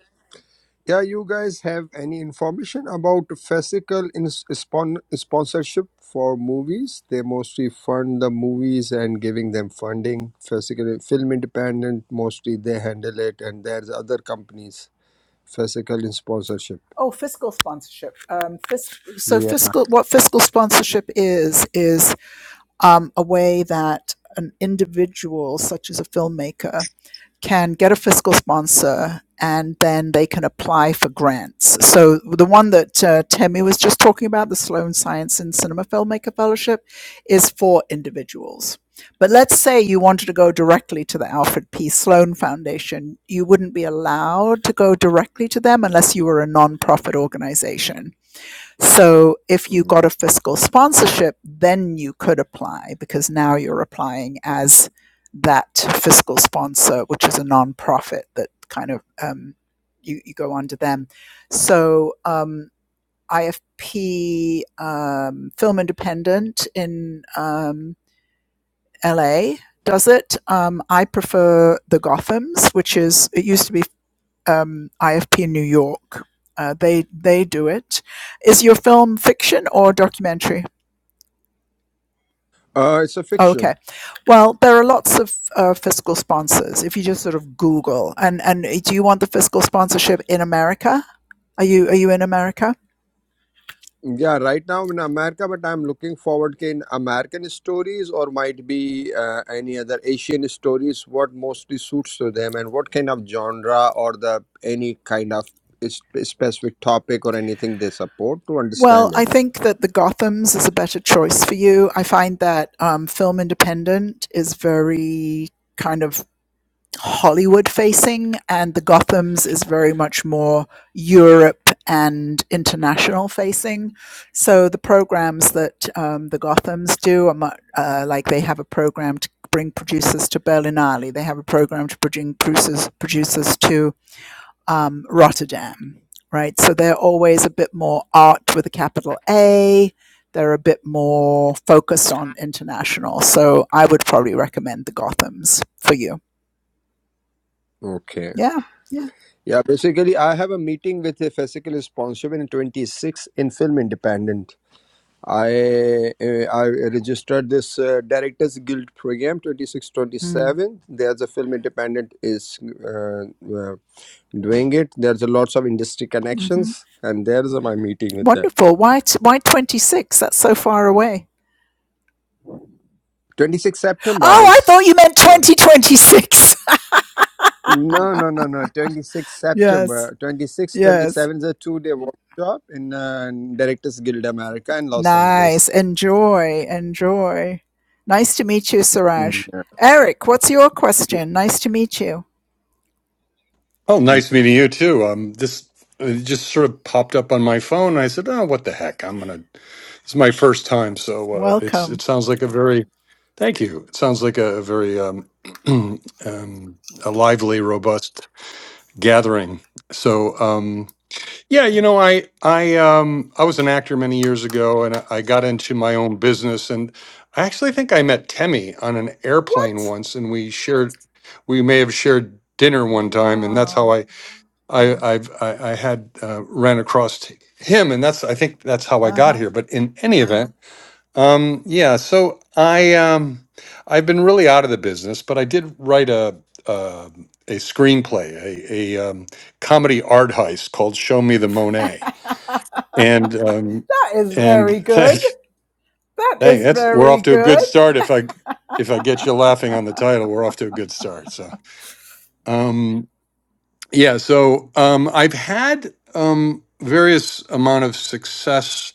Speaker 7: Yeah, you guys have any information about physical in spon sponsorship for movies? They mostly fund the movies and giving them funding. Physically, Film Independent mostly they handle it, and there's other companies, physical in sponsorship.
Speaker 1: Oh, fiscal sponsorship. Um, fis- so
Speaker 7: Yeah.
Speaker 1: fiscal, what fiscal sponsorship is is um, a way that an individual, such as a filmmaker, can get a fiscal sponsor and then they can apply for grants. So the one that uh, Temi was just talking about, the Sloan Science and Cinema Filmmaker Fellowship, is for individuals. But let's say you wanted to go directly to the Alfred P. Sloan Foundation. You wouldn't be allowed to go directly to them unless you were a nonprofit organization. So if you
Speaker 7: Mm.
Speaker 1: got a fiscal sponsorship, then you could apply because now you're applying as that fiscal sponsor, which is a nonprofit that kind of um, you, you go under them. So um, IFP um, Film Independent in um, LA does it. Um, I prefer the Gothams, which is it used to be um, IFP New York. Uh, they they do it. Is your film fiction or documentary?
Speaker 7: Uh, it's a
Speaker 1: Oh,
Speaker 7: fiction.
Speaker 1: Okay, well there are lots of uh, fiscal sponsors. If you just sort of Google and and do you want the fiscal sponsorship in America? Are you are you in America?
Speaker 7: Yeah, right now in America, but I'm looking forward to in American stories or might be uh, any other Asian stories, what mostly suits to them and what kind of genre or the any kind of is- specific topic or anything they support to
Speaker 1: Well,
Speaker 7: understand
Speaker 1: I
Speaker 7: it.
Speaker 1: think that the Gotham's is a better choice for you. I find that um, Film Independent is very kind of Hollywood facing, and the Gotham's is very much more Europe and international facing. So the programs that um, the Gotham's do are much, uh, like they have a program to bring producers to Berlinale. They have a program to bring producers producers to um, Rotterdam, right? So they're always a bit more art with a capital A. They're a bit more focused on international. So I would probably recommend the Gotham's for you.
Speaker 7: Okay.
Speaker 1: Yeah. Yeah.
Speaker 7: Yeah, basically I have a meeting with a physical sponsor in 26 in Film Independent. I uh, I registered this uh, Directors Guild program
Speaker 1: Mm,
Speaker 7: 2627. There's a film independent is uh, uh, doing it. There's a lots of industry
Speaker 1: mhm.
Speaker 7: connections, and there's my meeting with that.
Speaker 1: Wonderful. Why t- why 26? That's so far away.
Speaker 7: 26 September
Speaker 1: Oh, I thought
Speaker 7: is.
Speaker 1: you meant
Speaker 7: Uh,
Speaker 1: 2026.
Speaker 7: no, no, no, no. 26
Speaker 1: yes.
Speaker 7: September, 26,
Speaker 1: Yes.
Speaker 7: 27 is a two day workshop in uh, Directors Guild America in Los Angeles.
Speaker 1: Nice. Enjoy. Enjoy. Nice to meet you, Siraj.
Speaker 7: Mm,
Speaker 1: Eric, what's your
Speaker 7: Yeah.
Speaker 1: question? Nice to meet you.
Speaker 8: Oh, nice meeting you too. Um, this uh, it just sort of popped up on my phone. And I said, "Oh, what the heck? I'm gonna." It's my first time, so uh, it's it
Speaker 1: Welcome.
Speaker 8: sounds like a very. Thank you. It sounds like a, a very um, um, a lively, robust gathering. So um, yeah, you know, I I um, I was an actor many years ago, and I, I got into my own business. And I actually think I met Temmie on an airplane
Speaker 1: What?
Speaker 8: once, and we shared. We may have shared dinner one time, and that's how
Speaker 1: Wow.
Speaker 8: I I I've, I, I had uh, ran across t- him, and that's I think that's how I got
Speaker 1: Uh-huh.
Speaker 8: here. But in any event, um, yeah. So I um, I've been really out of the business, but I did write a uh, a screenplay, a, a um, comedy art heist called "Show Me the Monet," and um,
Speaker 1: That is very
Speaker 8: and
Speaker 1: good.
Speaker 8: thank
Speaker 1: That
Speaker 8: hey,
Speaker 1: is
Speaker 8: that's we're
Speaker 1: very
Speaker 8: off to a good
Speaker 1: good.
Speaker 8: start. If I if I get you laughing on the title, we're off to a good start. So. Um, Yeah, so um, I've had um, various amount of success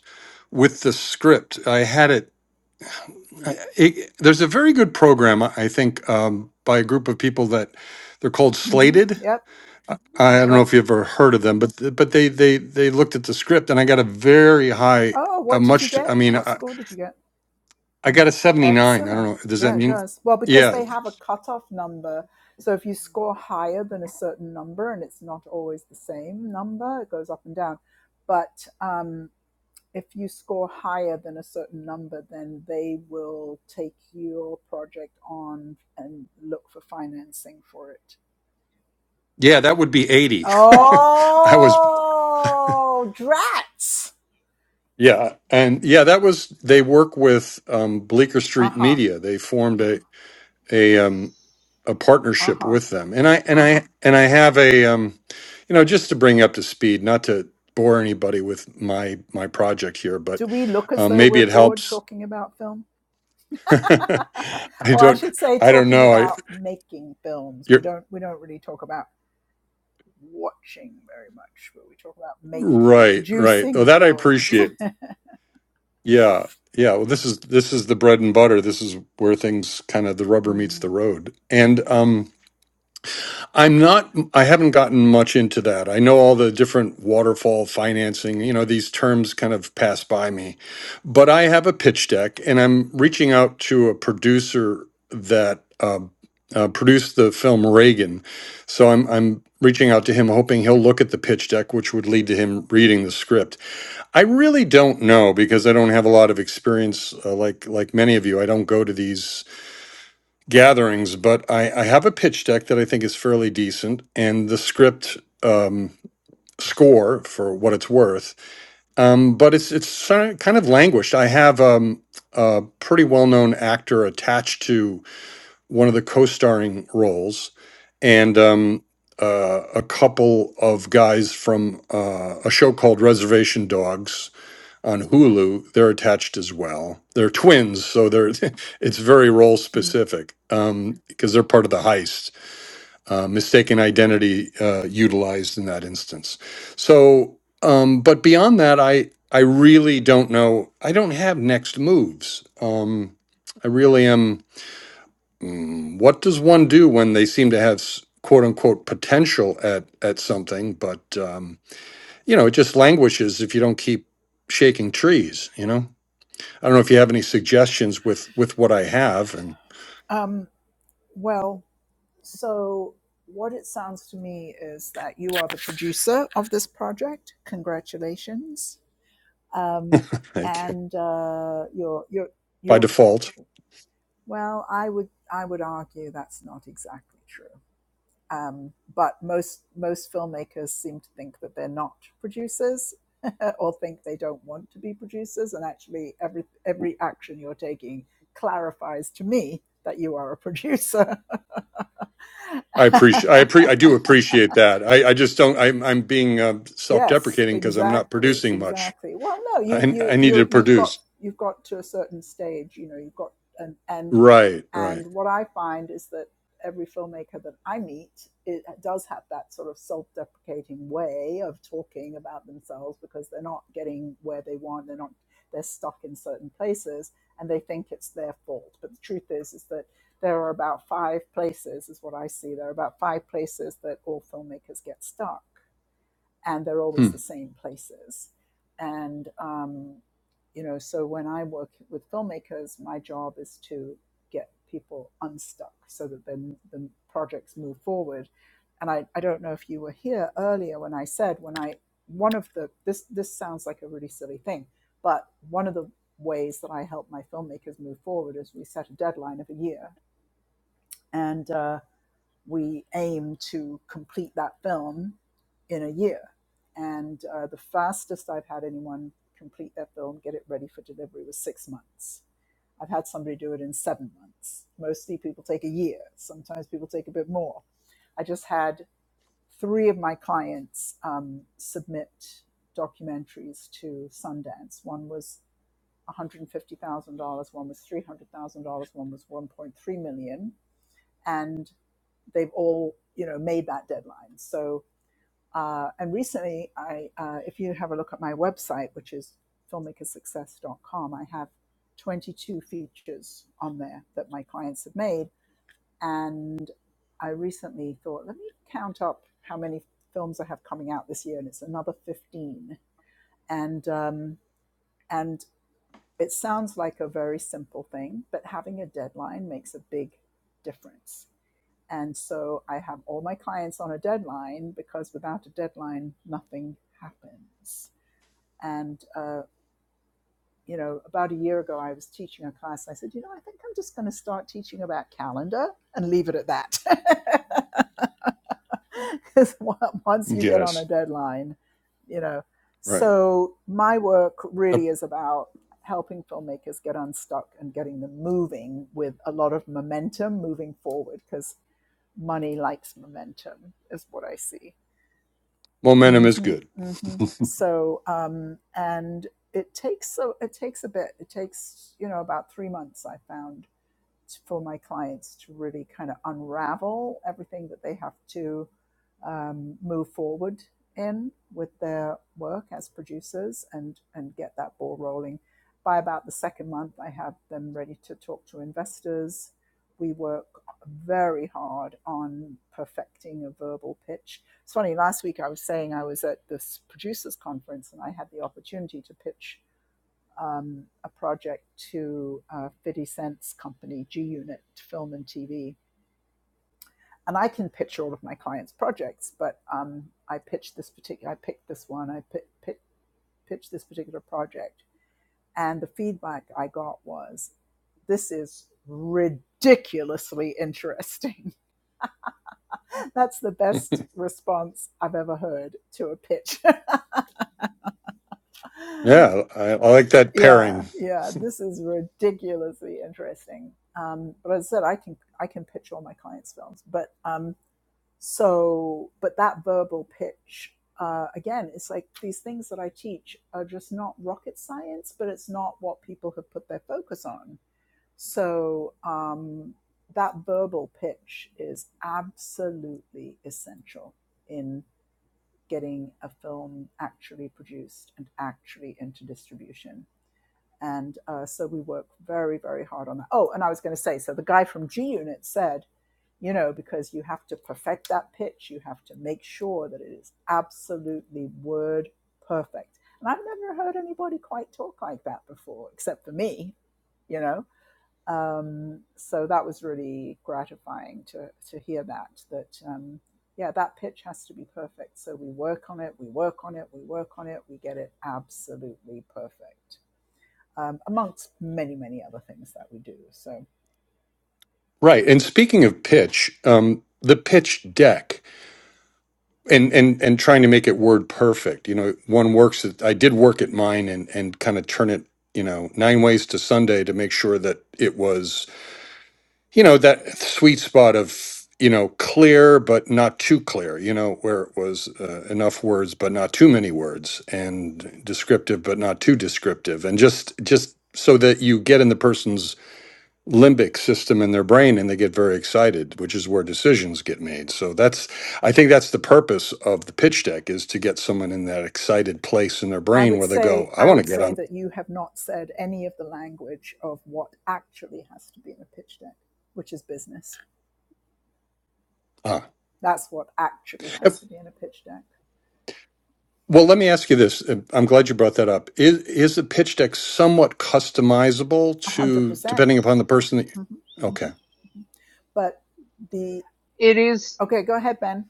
Speaker 8: with the script. I had it. I- it there's a very good program, I I think, um, by a group of people that they're called
Speaker 1: hmm
Speaker 8: Slated.
Speaker 1: Yep.
Speaker 8: I don't know
Speaker 1: Yep.
Speaker 8: if you ever heard of them, but th- but they they they looked at the script, and I got a very high,
Speaker 1: Oh,
Speaker 8: a
Speaker 1: what did you
Speaker 8: much. I
Speaker 1: get?
Speaker 8: mean,
Speaker 1: What
Speaker 8: I,
Speaker 1: score did you get?
Speaker 8: I got a seventy nine. I don't
Speaker 1: Excellent.
Speaker 8: know. Does that
Speaker 1: Yeah, it
Speaker 8: mean?
Speaker 1: does. Well, because
Speaker 8: Yeah,
Speaker 1: they have a cutoff number. So if you score higher than a certain number, and it's not always the same number, it goes up and down. But um, if you score higher than a certain number, then they will take your project on and look for financing for it.
Speaker 8: yeah, that would be eighty. I was
Speaker 1: Oh, drats.
Speaker 8: Yeah, and yeah, that was they work with um, Bleecker
Speaker 1: Uh
Speaker 8: Street
Speaker 1: huh.
Speaker 8: Media. They formed a a um, a
Speaker 1: Uh
Speaker 8: partnership
Speaker 1: huh.
Speaker 8: with them, and I and I and I have a um, you know just to bring you up to speed, not to bore anybody with my my project here, but
Speaker 1: Do we look as
Speaker 8: um,
Speaker 1: though
Speaker 8: maybe
Speaker 1: we're
Speaker 8: it
Speaker 1: bored
Speaker 8: helps.
Speaker 1: talking about film?
Speaker 8: I
Speaker 1: or I
Speaker 8: don't
Speaker 1: should say,
Speaker 8: I don't
Speaker 1: talking
Speaker 8: know. I
Speaker 1: about making films. We
Speaker 8: you're
Speaker 1: don't we don't really talk about watching very much, but we talk about making,
Speaker 8: right, right. Oh,
Speaker 1: producing
Speaker 8: that I
Speaker 1: films.
Speaker 8: appreciate. Yeah. Yeah, well, this is this is the bread and butter. This is where things kind of the rubber meets the road, and um, I'm not, I haven't gotten much into that. I know all the different waterfall financing, you know, these terms kind of pass by me. But I have a pitch deck and I'm reaching out to a producer that uh, uh, produced the film Reagan. So I'm, I'm reaching out to him, hoping he'll look at the pitch deck, which would lead to him reading the script. I really don't know because I don't have a lot of experience uh, like, like many of you. I don't go to these gatherings, but I, I have a pitch deck that I think is fairly decent, and the script um, score for what it's worth. Um, but it's it's sor- kind of languished. I have um, a pretty well known actor attached to one of the co starring roles, and um, uh, a couple of guys from uh, a show called Reservation Dogs on Hulu, they're attached as well. They're twins, so they're it's very role
Speaker 1: Mhm.
Speaker 8: specific um, because they're part of the heist. Uh, mistaken identity uh, utilized in that instance. So, um, but beyond that, I I really don't know. I don't have next moves. Um, I really am. mm, What does one do when they seem to have s- quote unquote potential at at something, but um, you know it just languishes if you don't keep shaking trees. You know. I don't know if you have any suggestions with with what I have, and
Speaker 1: Um, well, so what it sounds to me is that you are the producer of this project. Congratulations, um,
Speaker 8: like
Speaker 1: and uh, you're you're
Speaker 8: by
Speaker 1: you're
Speaker 8: default,
Speaker 1: well. I would I would argue that's not exactly true. Um, but most most filmmakers seem to think that they're not producers, or think they don't want to be producers. And actually, every every action you're taking clarifies to me that you are a producer.
Speaker 8: I appreciate I appre- I do appreciate that. I, I just don't. I'm I'm being uh, self
Speaker 1: yes,
Speaker 8: deprecating because I'm not
Speaker 1: exactly,
Speaker 8: producing much.
Speaker 1: exactly. Well, no, you
Speaker 8: I
Speaker 1: you
Speaker 8: I need to
Speaker 1: you you've
Speaker 8: produce.
Speaker 1: got you've got to a certain stage, you know, you've got and and
Speaker 8: Right, right.
Speaker 1: And what I find is that every filmmaker that I meet it does have that sort of self-deprecating way of talking about themselves because they're not getting where they want. They're not. They're stuck in certain places, and they think it's their fault. But the truth is, is that there are about five places, is what I see. There are about five places that all filmmakers get stuck and they're always
Speaker 8: Hmm.
Speaker 1: the same places. And um, you know, so when I work with filmmakers, my job is to get people unstuck so that then the projects move forward. And I, I don't know if you were here earlier when I said when I one of the this this sounds like a really silly thing, but one of the ways that I help my filmmakers move forward is we set a deadline of a year. And uh, we aim to complete that film in a year. And uh, the fastest I've had anyone complete their film, get it ready for delivery, was six months. I've had somebody do it in seven months. Mostly people take a year, sometimes people take a bit more. I just had three of my clients um, submit documentaries to Sundance. One was $150,000, one was $300,000, one was $1.3 million dollars. And they've all you know made that deadline. So uh, and recently, I uh, if you have a look at my website, which is filmmaker success dot com, I have 22 features on there that my clients have made, and I recently thought, let me count up how many films I have coming out this year, and it's another 15. And um, and it sounds like a very simple thing, but having a deadline makes a big difference. And so I have all my clients on a deadline because without a deadline, nothing happens. And, uh, you know, about a year ago, I was teaching a class. I said, you know, I think I'm just going to start teaching about calendar and leave it at that. Because once you get on
Speaker 8: Yes,
Speaker 1: a deadline, you know.
Speaker 8: right.
Speaker 1: So my work
Speaker 8: Uh,
Speaker 1: really is about helping filmmakers get unstuck and getting them moving with a lot of momentum moving forward because money likes momentum is what i see hmm
Speaker 8: momentum is good.
Speaker 1: hmm so um, and it takes so it takes a bit it takes you know about three months i found for my clients to really kind of unravel everything that they have to um, move forward in with their work as producers and and get that ball rolling. By about the second month, I have them ready to talk to investors. We work very hard on perfecting a verbal pitch. It's funny. Last week, I was saying I was at this producers conference and I had the opportunity to pitch um, a project to uh, 50 Cent's company, G Unit Film and TV. And I can pitch all of my clients' projects, but um, I pitched this particular, I picked this one, I p- p- pitched this particular project. And the feedback I got was, this is ridiculously interesting. That's the best response I've ever heard to a pitch.
Speaker 8: Yeah, I, I like that pairing.
Speaker 1: Yeah, yeah, this is ridiculously interesting. Um, but as I said, I can I can pitch all my clients' films, but um, so but that verbal pitch uh, again, it's like these things that I teach are just not rocket science, but it's not what people have put their focus on. So um, that verbal pitch is absolutely essential in getting a film actually produced and actually into distribution and uh, so we work very very hard on that oh and i was going to say so the guy from g unit said you know because you have to perfect that pitch you have to make sure that it is absolutely word perfect and i've never heard anybody quite talk like that before except for me you know um, so that was really gratifying to to hear that that um, yeah that pitch has to be perfect so we work on it we work on it we work on it we get it absolutely perfect um, amongst many, many other things that we do. So
Speaker 8: Right. And speaking of pitch, um, the pitch deck. and and and trying to make it word perfect you know one works at, i did work at mine and and kind of turn it you know nine ways to sunday to make sure that it was you know that sweet spot of you know clear but not too clear you know where it was uh, enough words but not too many words and descriptive but not too descriptive and just just so that you get in the person's limbic system in their brain and they get very excited which is where decisions get made so that's i think that's the purpose of the pitch deck is to get someone in that excited place in their
Speaker 1: I
Speaker 8: brain
Speaker 1: would
Speaker 8: where they go
Speaker 1: say
Speaker 8: i
Speaker 1: I
Speaker 8: want to
Speaker 1: would
Speaker 8: get
Speaker 1: say
Speaker 8: on
Speaker 1: that you have not said any of the language of what actually has to be in a pitch deck, which is business.
Speaker 8: ah.
Speaker 1: That's what actually has
Speaker 8: If-
Speaker 1: to be in a pitch deck.
Speaker 8: well let me ask you this uh, i'm glad you brought that up is is the pitch deck somewhat customizable
Speaker 1: a hundred
Speaker 8: to
Speaker 1: percent.
Speaker 8: depending upon the person that
Speaker 1: Mm-hmm.
Speaker 8: okay
Speaker 1: But the
Speaker 4: It is.
Speaker 1: okay, go ahead, Ben.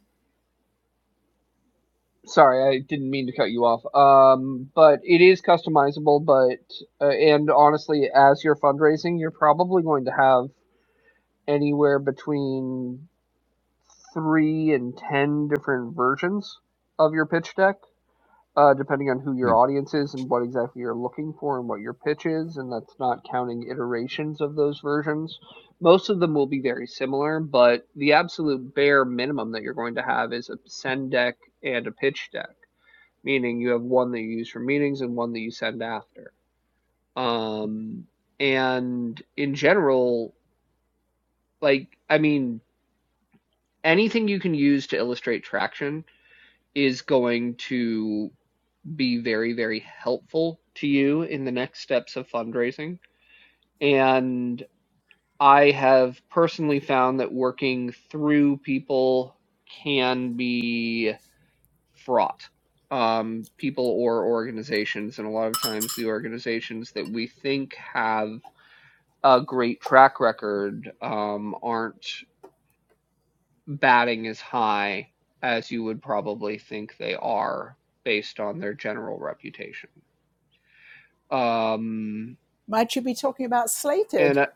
Speaker 4: Sorry, I didn't mean to cut you off. Um, but it is customizable. But uh, and honestly, as you're fundraising, you're probably going to have anywhere between three and ten different versions of your pitch deck, uh, depending on who your
Speaker 8: Mm.
Speaker 4: audience is and what exactly you're looking for and what your pitch is, and that's not counting iterations of those versions. Most of them will be very similar, but the absolute bare minimum that you're going to have is a send deck and a pitch deck, meaning you have one that you use for meetings and one that you send after. Um, and in general, like, I mean, anything you can use to illustrate traction is going to be very, very helpful to you in the next steps of fundraising. And I have personally found that working through people can be fraught. Um, people or organizations, and a lot of times the organizations that we think have a great track record um, aren't batting as high as you would probably think they are based on their general reputation. Um,
Speaker 1: Might you be talking about slated?
Speaker 4: and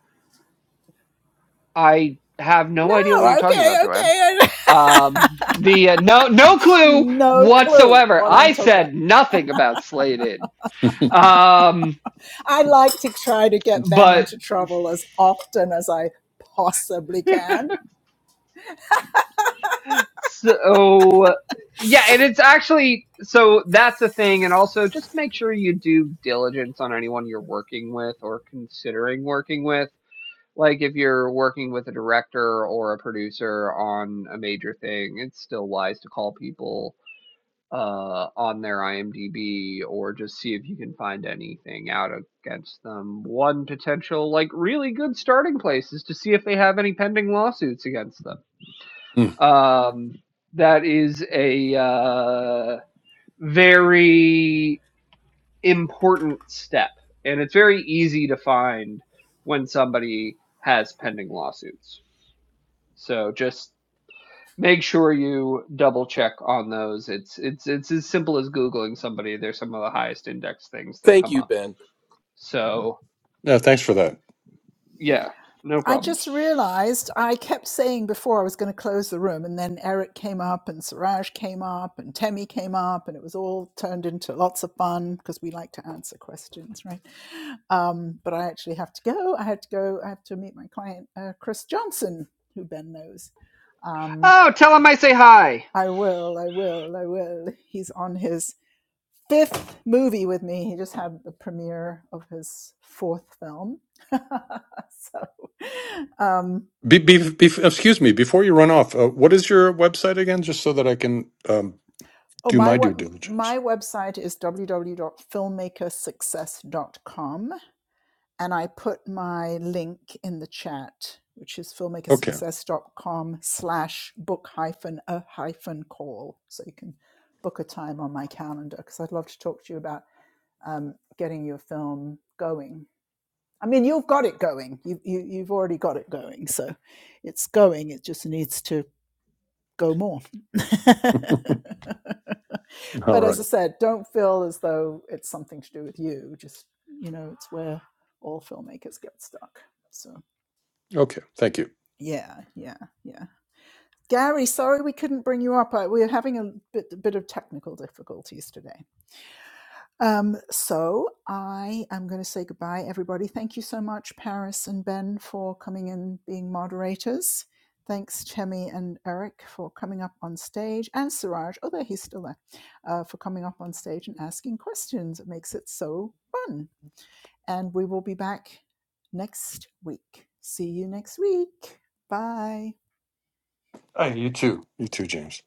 Speaker 4: I have no idea what you're
Speaker 1: No.
Speaker 4: talking about,
Speaker 1: Okay.
Speaker 4: Joanne.
Speaker 1: Okay.
Speaker 4: Um, the uh, no no clue
Speaker 1: no clue
Speaker 4: whatsoever.
Speaker 1: what I'm
Speaker 4: I
Speaker 1: talking about.
Speaker 4: said nothing about Slated. Um,
Speaker 1: I like to try to get Ben
Speaker 4: but
Speaker 1: into trouble as often as I possibly can.
Speaker 4: so yeah, and it's actually so that's a thing. And also, just make sure you do diligence on anyone you're working with or considering working with. Like if you're working with a director or a producer on a major thing, it's still wise to call people uh, on their IMDb or just see if you can find anything out against them. One potential, like, really good starting place is to see if they have any pending lawsuits against them.
Speaker 8: Mm.
Speaker 4: Um, that is a uh, very important step, and it's very easy to find when somebody has pending lawsuits. So just Make sure you double check on those. It's it's it's as simple as Googling somebody. They're some of the highest index things that
Speaker 2: Thank
Speaker 4: come
Speaker 2: you,
Speaker 4: up.
Speaker 2: Ben.
Speaker 4: So
Speaker 8: yeah thanks for that
Speaker 4: yeah, no
Speaker 1: I
Speaker 4: problem.
Speaker 1: just realized I kept saying before I was going to close the room, and then Eric came up, and Suraj came up, and Temi came up, and it was all turned into lots of fun because we like to answer questions, right? Um, but I actually have to go. I had to go. I have to meet my client, uh, Chris Johnson, who Ben knows. Um,
Speaker 4: Oh, tell them I say hi.
Speaker 1: I will, I will, I will. He's on his fifth movie with me. He just had the premiere of his fourth film. so, um,
Speaker 8: be, be, be, excuse me before you run off uh, what is your website again just so that i can um,
Speaker 1: oh,
Speaker 8: do
Speaker 1: my
Speaker 8: my due
Speaker 1: what
Speaker 8: diligence
Speaker 1: my website is w w w dot filmmaker success dot com, and I put my link in the chat, which is filmmaker
Speaker 8: Okay.
Speaker 1: success dot com slash book hyphen a hyphen call, so you can book a time on my calendar because I'd love to talk to you about um, getting your film going I mean, you've got it going. You, you, you've already got it going. So it's going. It just needs to go more.
Speaker 8: All
Speaker 1: but
Speaker 8: right.
Speaker 1: as I said, don't feel as though it's something to do with you. Just, you know, it's where all filmmakers get stuck. So
Speaker 8: Okay. Thank you.
Speaker 1: yeah, yeah, yeah. Gary, sorry we couldn't bring you up. we're having a bit, a bit of technical difficulties today. Um, so I am going to say goodbye, everybody. Thank you so much, Paris and Ben, for coming and being moderators. Thanks, Chemi and Eric, for coming up on stage, and Siraj, oh, there he's still there, uh, for coming up on stage and asking questions. It makes it so fun. And we will be back next week. See you next week. Bye.
Speaker 8: Hey, you too. You too, James.